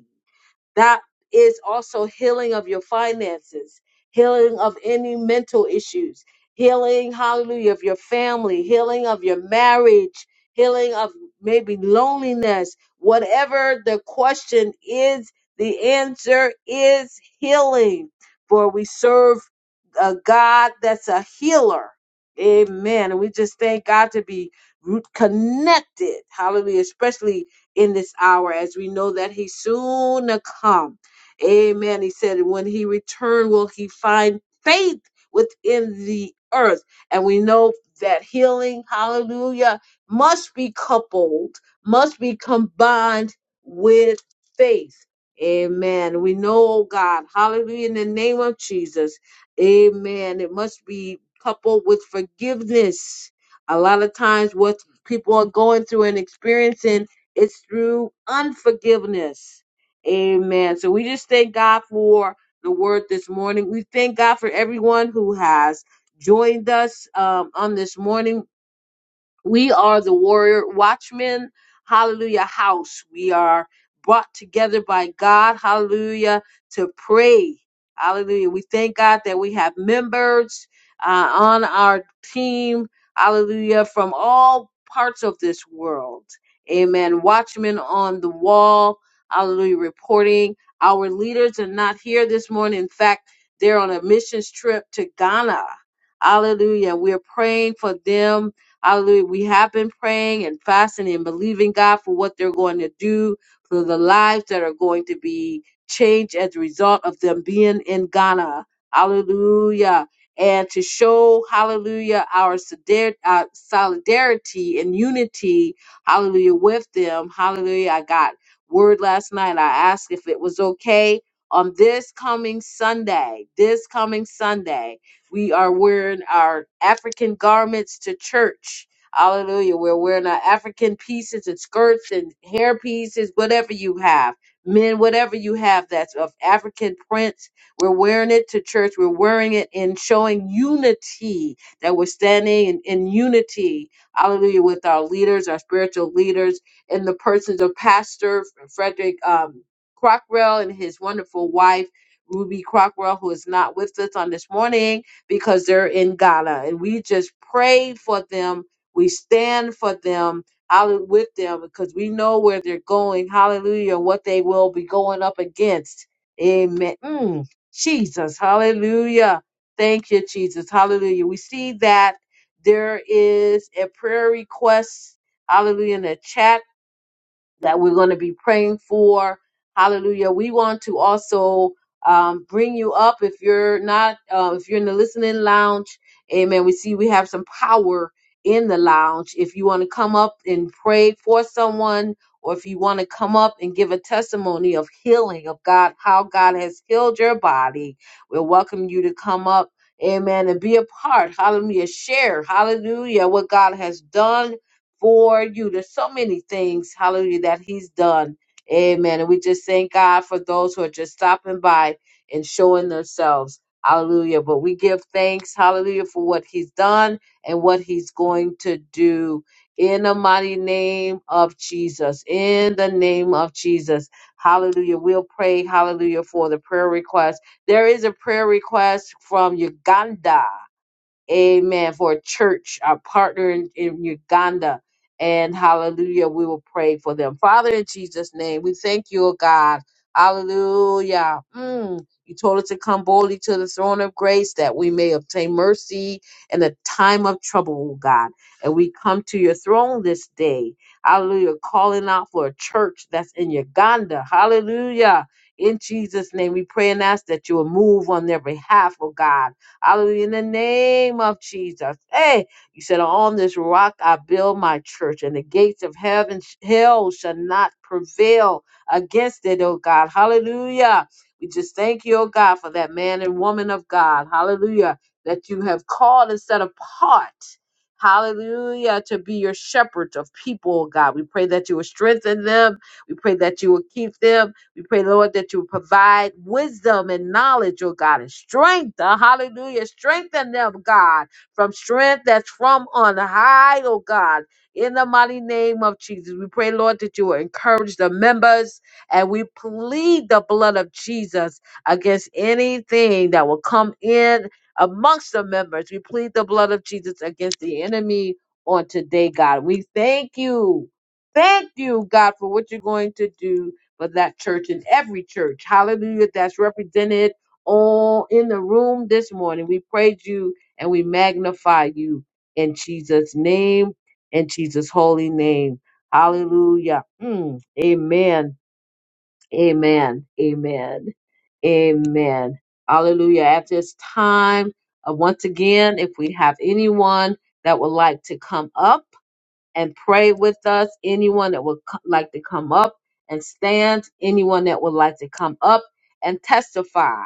B: That is also healing of your finances, healing of any mental issues, healing, hallelujah, of your family, healing of your marriage, healing of maybe loneliness. Whatever the question is, the answer is healing. For we serve a God that's a healer. Amen. And we just thank God to be root- connected. Hallelujah. Especially in this hour as we know that he soon to come. Amen. He said, when he return, will he find faith within the earth? And we know that healing, hallelujah, must be coupled, must be combined with faith. Amen. We know, oh God, hallelujah, in the name of Jesus. Amen. It must be coupled with forgiveness. A lot of times, what people are going through and experiencing it's through unforgiveness. Amen. So we just thank God for the word this morning. We thank God for everyone who has joined us um, on this morning. We are the warrior watchmen, hallelujah, house. We are brought together by God, hallelujah, to pray. Hallelujah. We thank God that we have members uh, on our team, hallelujah, from all parts of this world. Amen. Watchmen on the wall, hallelujah, reporting. Our leaders are not here this morning. In fact, they're on a missions trip to Ghana. Hallelujah. We're praying for them Hallelujah. We have been praying and fasting and believing God for what they're going to do, for the lives that are going to be changed as a result of them being in Ghana. Hallelujah. And to show, hallelujah, our solidar- uh, solidarity and unity, hallelujah, with them. Hallelujah. I got word last night. I asked if it was okay on this coming Sunday, this coming Sunday. We are wearing our African garments to church. Hallelujah. We're wearing our African pieces and skirts and hair pieces, whatever you have. Men, whatever you have that's of African prints, we're wearing it to church. We're wearing it and showing unity that we're standing in, in unity. Hallelujah. With our leaders, our spiritual leaders, and the persons of Pastor Frederick um, Crockrell and his wonderful wife, Ruby Crockwell, who is not with us on this morning because they're in Ghana. And we just pray for them. We stand for them. Hallelujah, with them because we know where they're going. Hallelujah, and what they will be going up against. Amen. Mm, Jesus, hallelujah. Thank you, Jesus. Hallelujah. We see that there is a prayer request. Hallelujah in the chat that we're going to be praying for. Hallelujah. We want to also um, bring you up if you're not, uh, if you're in the listening lounge. Amen. We see we have some power in the lounge. If you want to come up and pray for someone, or if you want to come up and give a testimony of healing of God, how God has healed your body, we welcome you to come up. Amen. And be a part. Hallelujah. Share. Hallelujah. What God has done for you. There's so many things, hallelujah, that he's done. Amen. And we just thank God for those who are just stopping by and showing themselves. Hallelujah. But we give thanks, hallelujah, for what he's done and what he's going to do in the mighty name of Jesus. In the name of Jesus. Hallelujah. We'll pray, hallelujah, for the prayer request. There is a prayer request from Uganda. Amen. For a church, our partner in, in Uganda. And hallelujah, we will pray for them. Father, in Jesus' name, we thank you, O God. Hallelujah. Mm. You told us to come boldly to the throne of grace that we may obtain mercy in the time of trouble, O God. And we come to your throne this day. Hallelujah. Calling out for a church that's in Uganda. Hallelujah. In Jesus' name, we pray and ask that you will move on their behalf, oh God Hallelujah. In the name of Jesus. Hey, you said, On this rock I build my church, and the gates of heaven, hell shall not prevail against it, oh God. Hallelujah. We just thank you, oh God, for that man and woman of God. Hallelujah. That you have called and set apart. Hallelujah. To be your shepherds of people, oh God. We pray that you will strengthen them. We pray that you will keep them. We pray, Lord, that you provide wisdom and knowledge, oh God, and strength. Uh, hallelujah. Strengthen them, God, from strength that's from on high, oh God. In the mighty name of Jesus, we pray, Lord, that you will encourage the members and we plead the blood of Jesus against anything that will come in amongst the members. We plead the blood of Jesus against the enemy on today, God. We thank you. Thank you, God, for what you're going to do for that church and every church, hallelujah, that's represented all in the room this morning. We praise you and we magnify you in Jesus' name, in Jesus' holy name. Hallelujah. Mm, amen. Amen. Amen. Amen. Hallelujah. At this time, uh, once again, if we have anyone that would like to come up, and pray with us. Anyone that would co- like to come up and stand, anyone that would like to come up and testify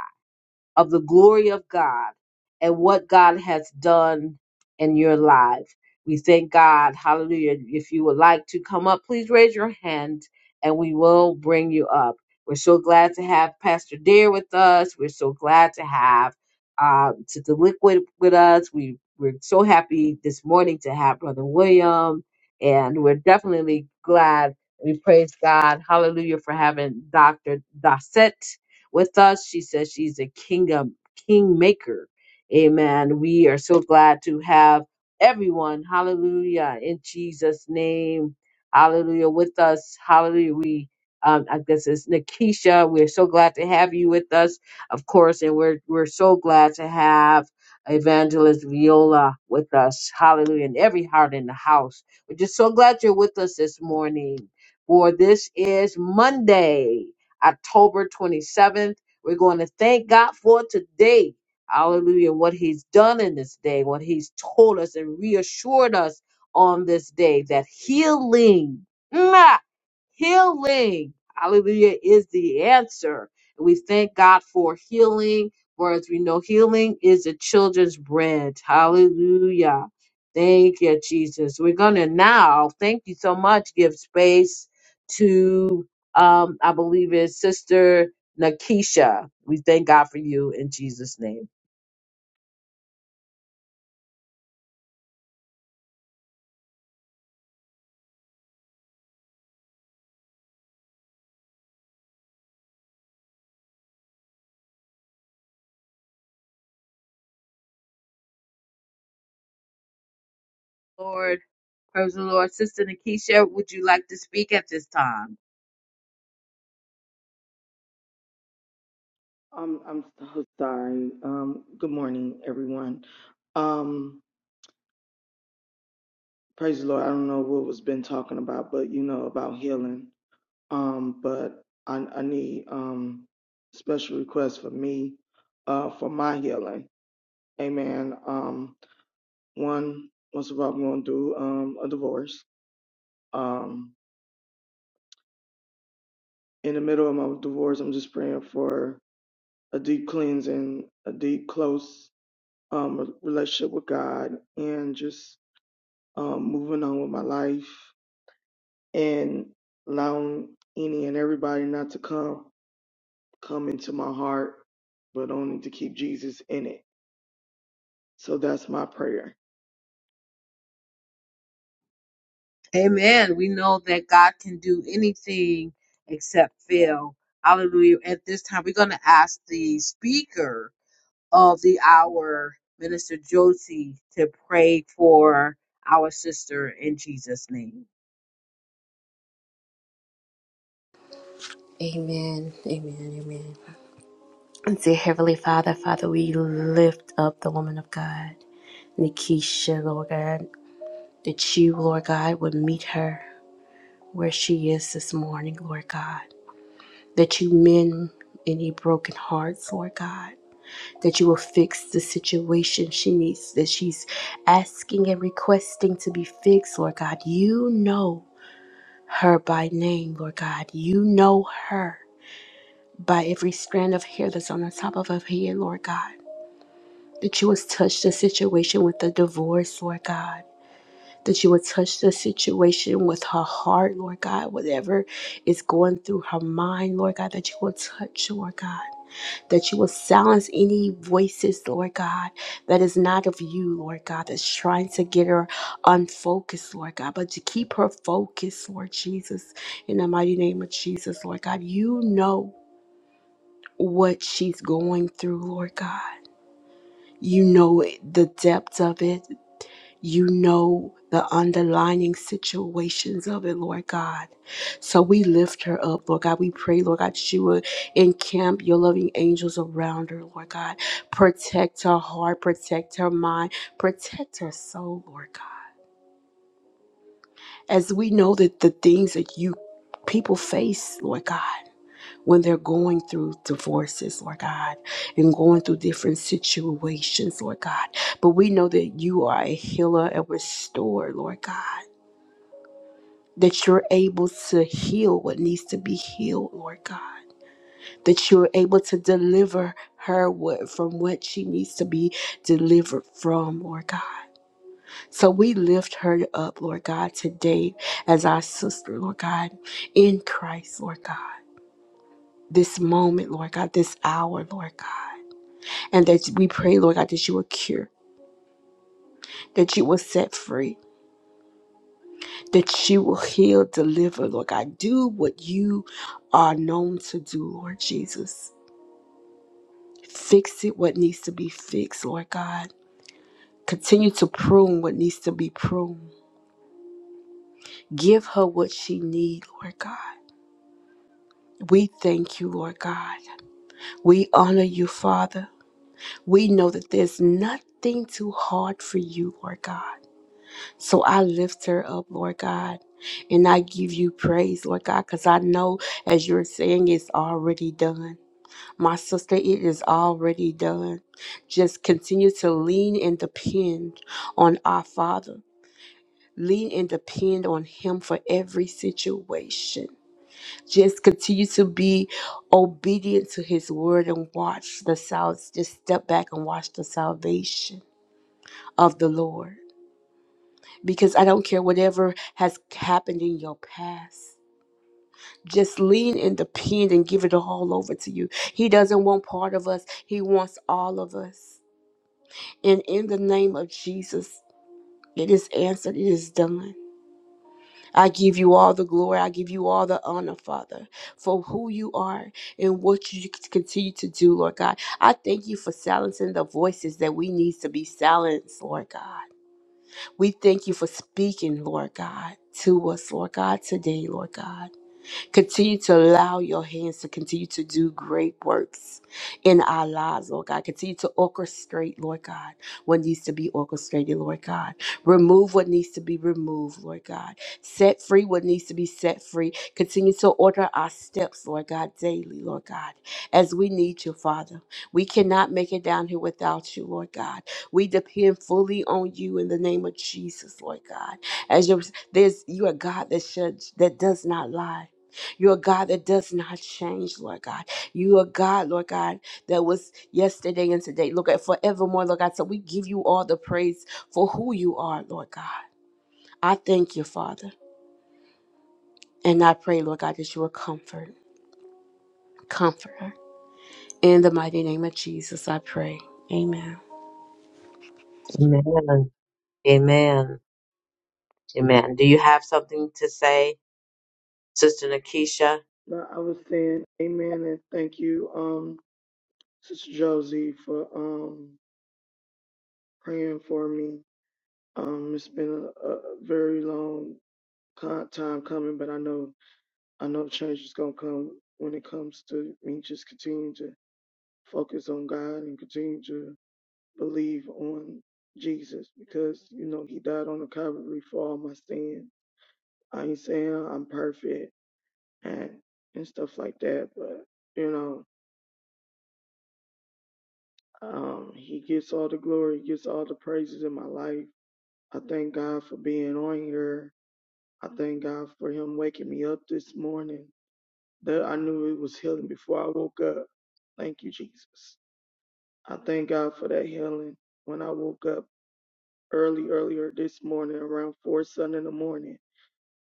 B: of the glory of God and what God has done in your life. We thank God. Hallelujah. If you would like to come up, please raise your hand and we will bring you up. We're so glad to have Pastor Dare with us. We're so glad to have uh, to the liquid with us. We we're so happy this morning to have Brother William, and we're definitely glad. We praise God, Hallelujah, for having Doctor Dossett with us. She says she's a kingdom kingmaker. Amen. We are so glad to have everyone. Hallelujah. In Jesus' name. Hallelujah. With us. Hallelujah. We um, I guess it's Nikisha. We're so glad to have you with us, of course, and we're we're so glad to have Evangelist Viola with us. Hallelujah. And every heart in the house. We're just so glad you're with us this morning. For this is Monday. October 27th. We're going to thank God for today. Hallelujah. What he's done in this day, what he's told us and reassured us on this day that healing, mwah, healing, hallelujah, is the answer. we thank God for healing. For as we know, healing is the children's bread. Hallelujah. Thank you, Jesus. We're going to now, thank you so much, give space to. Um, Nakisha. We thank God in Jesus' name. Lord, praise the Lord. Sister Nakisha, would you like to speak at this time?
G: Um, I'm so sorry. Um, good morning, everyone. Um, praise the Lord. I don't know what was been talking about, but you know about healing. Um, but I, I need um special requests for me, uh, for my healing. Amen. Um, one, most of all, I'm going through um a divorce. Um, in the middle of my divorce, I'm just praying for a deep cleansing, a deep close um relationship with God, and just um, moving on with my life and allowing any and everybody not to come come into my heart, but only to keep Jesus in it. So that's my prayer.
B: Amen. We know that God can do anything except fail. Hallelujah. At this time, we're going to ask the speaker of the hour, Minister Josie, to pray for our sister in Jesus' name.
C: Dear Heavenly Father, Father, we lift up the woman of God, Nikisha, Lord God, that you, Lord God, would meet her where she is this morning, Lord God, that you mend any broken hearts, Lord God, that you will fix the situation she needs, that she's asking and requesting to be fixed, Lord God. You know her by name, Lord God. You know her by every strand of hair that's on the top of her head, Lord God. that you would touch the situation with the divorce, Lord God. That you would touch the situation with her heart, Lord God, whatever is going through her mind, Lord God, that you will touch, Lord God. That you will silence any voices, Lord God, that is not of you, Lord God, that's trying to get her unfocused, Lord God, but to keep her focused, Lord Jesus, in the mighty name of Jesus, Lord God. You know what she's going through, Lord God. You know it, the depth of it. You know the underlying situations of it, Lord God. So we lift her up, Lord God. We pray, Lord God, that you would encamp your loving angels around her, Lord God. Protect her heart, protect her mind, protect her soul, Lord God. As we know that the things that you people face, Lord God, when they're going through divorces, Lord God, and going through different situations, Lord God. But we know that you are a healer and restorer, Lord God. that you're able to heal what needs to be healed, Lord God. That you're able to deliver her what, from what she needs to be delivered from, Lord God. So we lift her up, Lord God, today as our sister, Lord God, in Christ, Lord God. This moment, Lord God, this hour, Lord God. And that we pray, Lord God, that you will cure, that you will set free, that you will heal, deliver, Lord God. Do what you are known to do, Lord Jesus. Fix it what needs to be fixed, Lord God. Continue to prune what needs to be pruned. Give her what she needs, Lord God. We thank you, Lord God. We honor you, Father. We know that there's nothing too hard for you, Lord God. So I lift her up, Lord God. And I give you praise, Lord God, because I know, as you're saying, it's already done. My sister, it is already done. Just continue to lean and depend on our Father lean and depend on him for every situation just continue to be obedient to his word and watch the south just step back and watch the salvation of the lord because i don't care whatever has happened in your past just lean and depend and give it all over to you he doesn't want part of us he wants all of us and in the name of jesus it is answered it is done I give you all the glory. I give you all the honor, Father, for who you are and what you continue to do, Lord God. I thank you for silencing the voices that we need to be silenced, Lord God. We thank you for speaking, Lord God, to us, Lord God, today, Lord God. Continue to allow your hands to continue to do great works in our lives, Lord God. Continue to orchestrate, Lord God, what needs to be orchestrated, Lord God. Remove what needs to be removed, Lord God. Set free what needs to be set free. Continue to order our steps, Lord God, daily, Lord God, as we need you, Father. We cannot make it down here without you, Lord God. We depend fully on you in the name of Jesus, Lord God. As your there's you are God that should that does not lie. You're a God that does not change, Lord God. You are God, Lord God, that was yesterday and today. Look at forevermore, Lord God. So we give you all the praise for who you are, Lord God. I thank you, Father. And I pray, Lord God, that you are comfort, comforter. In the mighty name of Jesus, I pray. Amen.
B: Amen. Amen. Amen. Do you have something to say, Sister Nakisha?
G: But I was saying amen and thank you, um, Sister Josie, for um, praying for me. Um, it's been a, a very long co- time coming, but I know I know change is gonna come when it comes to me just continuing to focus on God and continue to believe on Jesus because you know he died on the Calvary for all my sins. I ain't saying I'm perfect and and stuff like that, but you know, um, he gets all the glory, he gets all the praises in my life. I thank God for being on here. I thank God for him waking me up this morning. That I knew it was healing before I woke up. Thank you, Jesus. I thank God for that healing. When I woke up early, earlier this morning, around four sun in the morning.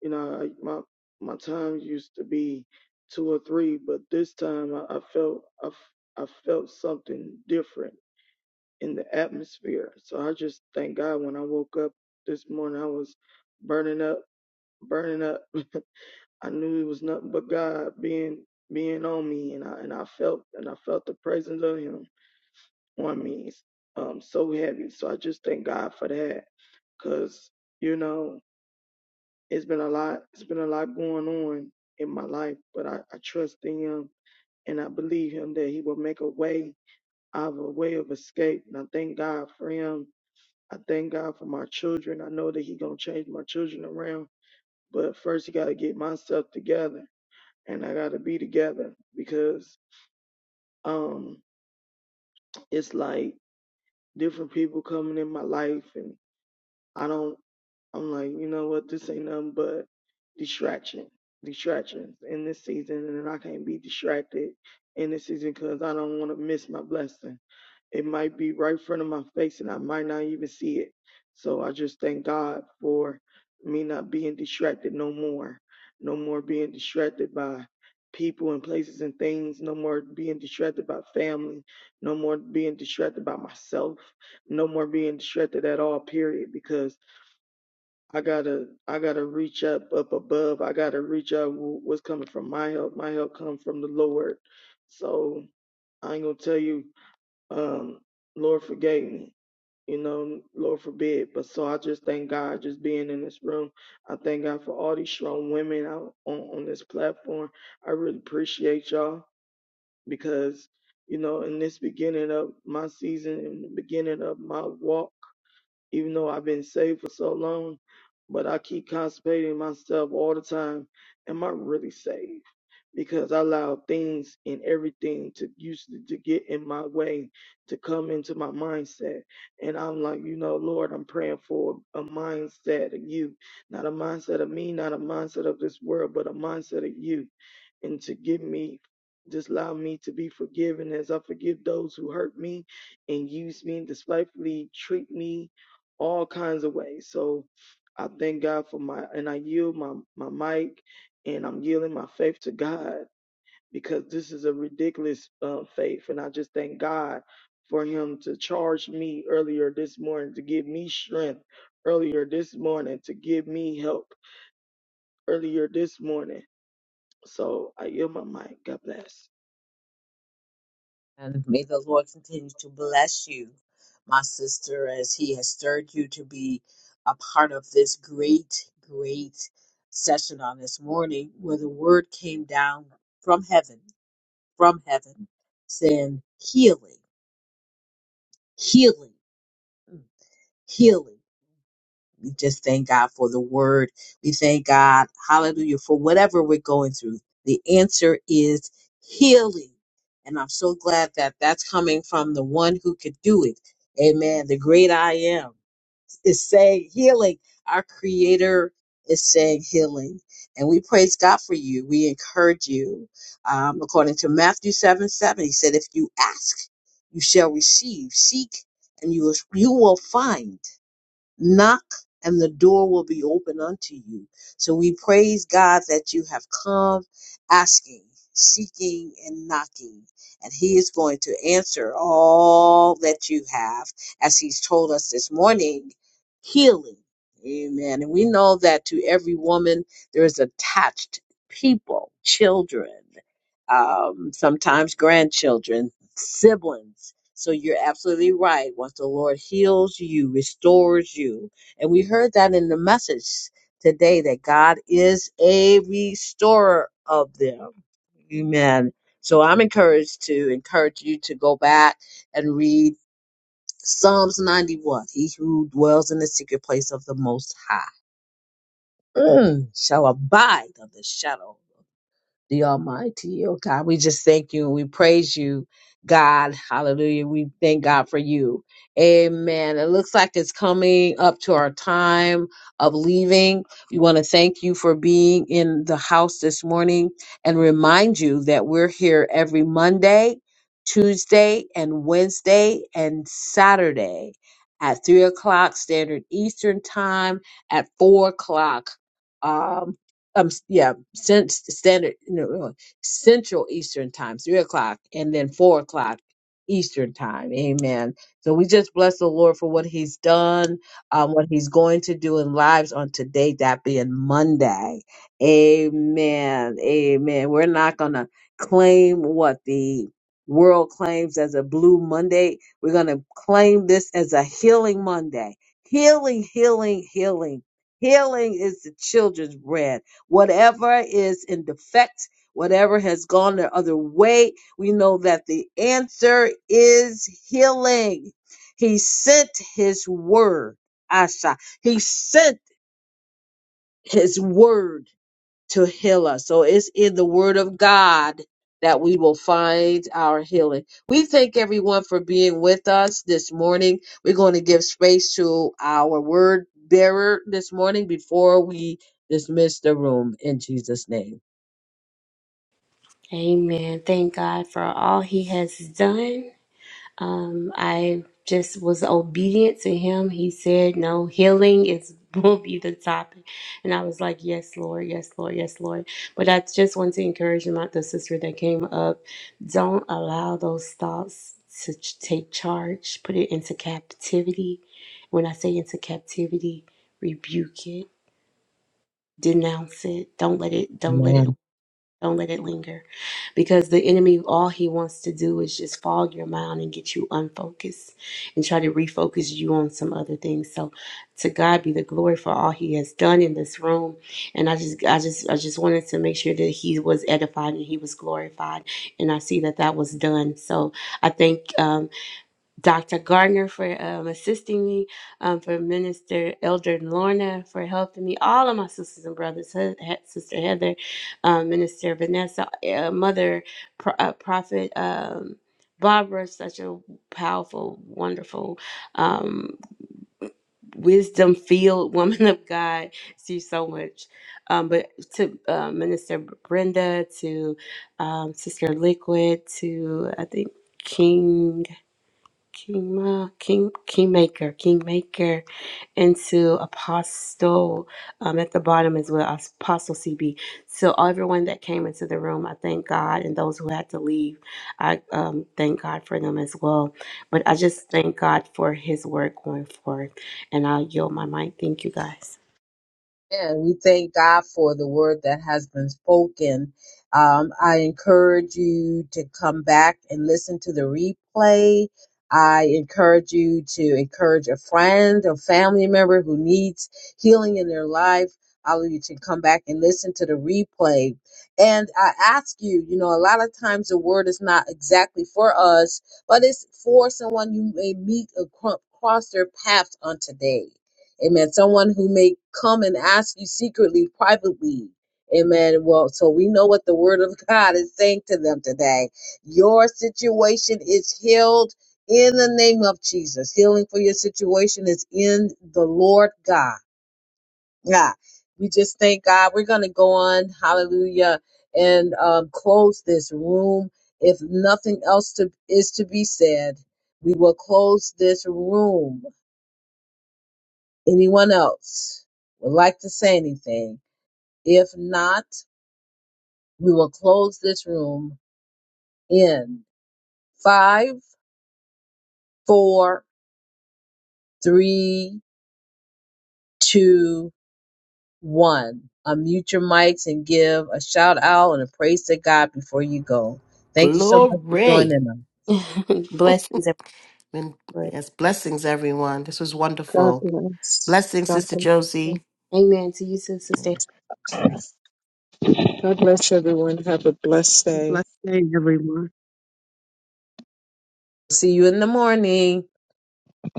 G: You know, I, my my time used to be two or three, but this time I, I felt I, f- I felt something different in the atmosphere. So I just thank God when I woke up this morning, I was burning up, burning up. I knew it was nothing but God being being on me, and I and I felt and I felt the presence of Him on me, um, so heavy. So I just thank God for that, cause you know it's been a lot it's been a lot going on in my life but I, I trust in him and i believe him that he will make a way out of a way of escape and i thank god for him i thank god for my children i know that he gonna change my children around but first he gotta get myself together and i gotta be together because um it's like different people coming in my life and i don't I'm like, you know what? This ain't nothing but distraction, distractions in this season, and I can't be distracted in this season because I don't want to miss my blessing. It might be right in front of my face, and I might not even see it. So I just thank God for me not being distracted no more, no more being distracted by people and places and things, no more being distracted by family, no more being distracted by myself, no more being distracted at all. Period, because I gotta I gotta reach up up above. I gotta reach up wh- what's coming from my help. My help comes from the Lord. So I ain't gonna tell you, um, Lord forgave me. You know, Lord forbid. But so I just thank God just being in this room. I thank God for all these strong women out on, on this platform. I really appreciate y'all because, you know, in this beginning of my season, in the beginning of my walk even though I've been saved for so long, but I keep constipating myself all the time. Am I really saved? Because I allow things and everything to usually to to get in my way, to come into my mindset. And I'm like, you know, Lord, I'm praying for a mindset of you, not a mindset of me, not a mindset of this world, but a mindset of you and to give me just allow me to be forgiven as I forgive those who hurt me and use me and despitefully treat me all kinds of ways. So I thank God for my and I yield my my mic and I'm yielding my faith to God because this is a ridiculous uh, faith and I just thank God for him to charge me earlier this morning to give me strength earlier this morning to give me help earlier this morning. So I yield my mic. God bless.
B: And may the Lord continue to bless you, my sister, as He has stirred you to be a part of this great, great session on this morning where the word came down from heaven, from heaven, saying healing, healing, mm, healing. We just thank God for the word. We thank God, hallelujah, for whatever we're going through. The answer is healing. And I'm so glad that that's coming from the one who could do it. Amen. The great I am is saying healing. Our creator is saying healing. And we praise God for you. We encourage you. Um, according to Matthew 7 7, he said, If you ask, you shall receive. Seek, and you will, you will find Knock and the door will be open unto you. So we praise God that you have come asking, seeking, and knocking. And He is going to answer all that you have, as He's told us this morning healing. Amen. And we know that to every woman, there is attached people, children, um, sometimes grandchildren, siblings. So you're absolutely right. Once the Lord heals you, restores you. And we heard that in the message today that God is a restorer of them. Amen. So I'm encouraged to encourage you to go back and read Psalms 91. He who dwells in the secret place of the Most High mm, shall abide under the shadow the Almighty. Oh God, we just thank you. We praise you, God. Hallelujah. We thank God for you. Amen. It looks like it's coming up to our time of leaving. We want to thank you for being in the house this morning and remind you that we're here every Monday, Tuesday, and Wednesday and Saturday at three o'clock standard Eastern time at four o'clock. Um, um, yeah, cent- standard, you know, uh, Central Eastern Time, three o'clock, and then four o'clock Eastern Time. Amen. So we just bless the Lord for what He's done, um, what He's going to do in lives on today, that being Monday. Amen. Amen. We're not gonna claim what the world claims as a blue Monday. We're gonna claim this as a healing Monday. Healing, healing, healing. Healing is the children's bread. Whatever is in defect, whatever has gone the other way, we know that the answer is healing. He sent his word, Asha. He sent his word to heal us. So it's in the word of God that we will find our healing. We thank everyone for being with us this morning. We're going to give space to our word bearer this morning before we dismiss the room in Jesus' name.
C: Thank God for all he has done. Um, I just was obedient to him. He said, No, healing is will be the topic. And I was like, Yes, Lord, yes, Lord, yes, Lord. But I just want to encourage my the sister that came up. Don't allow those thoughts to ch- take charge. Put it into captivity. When I say into captivity, rebuke it, denounce it. Don't let it, don't let it don't let it linger because the enemy, all he wants to do is just fog your mind and get you unfocused and try to refocus you on some other things. So to God be the glory for all he has done in this room. And I just, I just, I just wanted to make sure that he was edified and he was glorified. And I see that that was done. So I thank, um, Dr. Gardner for um, assisting me, um, for Minister Elder Lorna for helping me, all of my sisters and brothers, He- He- Sister Heather, um, Minister Vanessa, eh, uh, Mother Pro- uh, Prophet um, Barbara, such a powerful, wonderful, um, wisdom filled woman of God. See so much. Um, but to uh, Minister Brenda, to um, Sister Liquid, to I think King. Kingma, King, Kingmaker, Kingmaker, and to Apostle um, at the bottom as well, Apostle CB. So everyone that came into the room, I thank God, and those who had to leave, I um, thank God for them as well. But I just thank God for His work going forward, and I yield my mic. Thank you guys.
B: And we thank God for the word that has been spoken. Um, I encourage you to come back and listen to the replay. I encourage you to encourage a friend, a family member who needs healing in their life. I'll you to come back and listen to the replay. And I ask you, you know, a lot of times the word is not exactly for us, but it's for someone you may meet acro- across their path on today Amen. Someone who may come and ask you secretly, privately. Amen. Well, so we know what the word of God is saying to them today. Your situation is healed in the name of Jesus. Healing for your situation is in the Lord God. Yeah. We just thank God. We're going to go on. Hallelujah. And um, close this room. If nothing else to, is to be said, we will close this room. Anyone else would like to say anything? If not, we will close this room in five, four, three, two, one. Unmute your mics and give a shout out and a praise to God before you go. Thank you so much for
D: Glory.
B: joining us.
C: Blessings,
D: And
C: everyone.
D: yes, blessings, everyone. This was
E: God
D: wonderful.
E: bless.
D: Blessings,
E: God
D: Sister
E: bless.
D: Josie.
E: you.
C: Amen. To you, too, Sister.
E: God bless everyone. Have a blessed day.
F: Blessed day, everyone.
B: See you in the morning.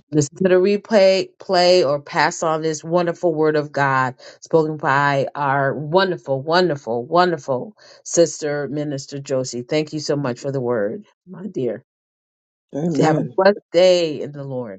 B: Listen to the replay, play, or pass on this wonderful word of God spoken by our wonderful, wonderful, wonderful sister, Minister Josie. Thank you so much for the word, my dear. Have a
E: Amen.
B: blessed day in the Lord.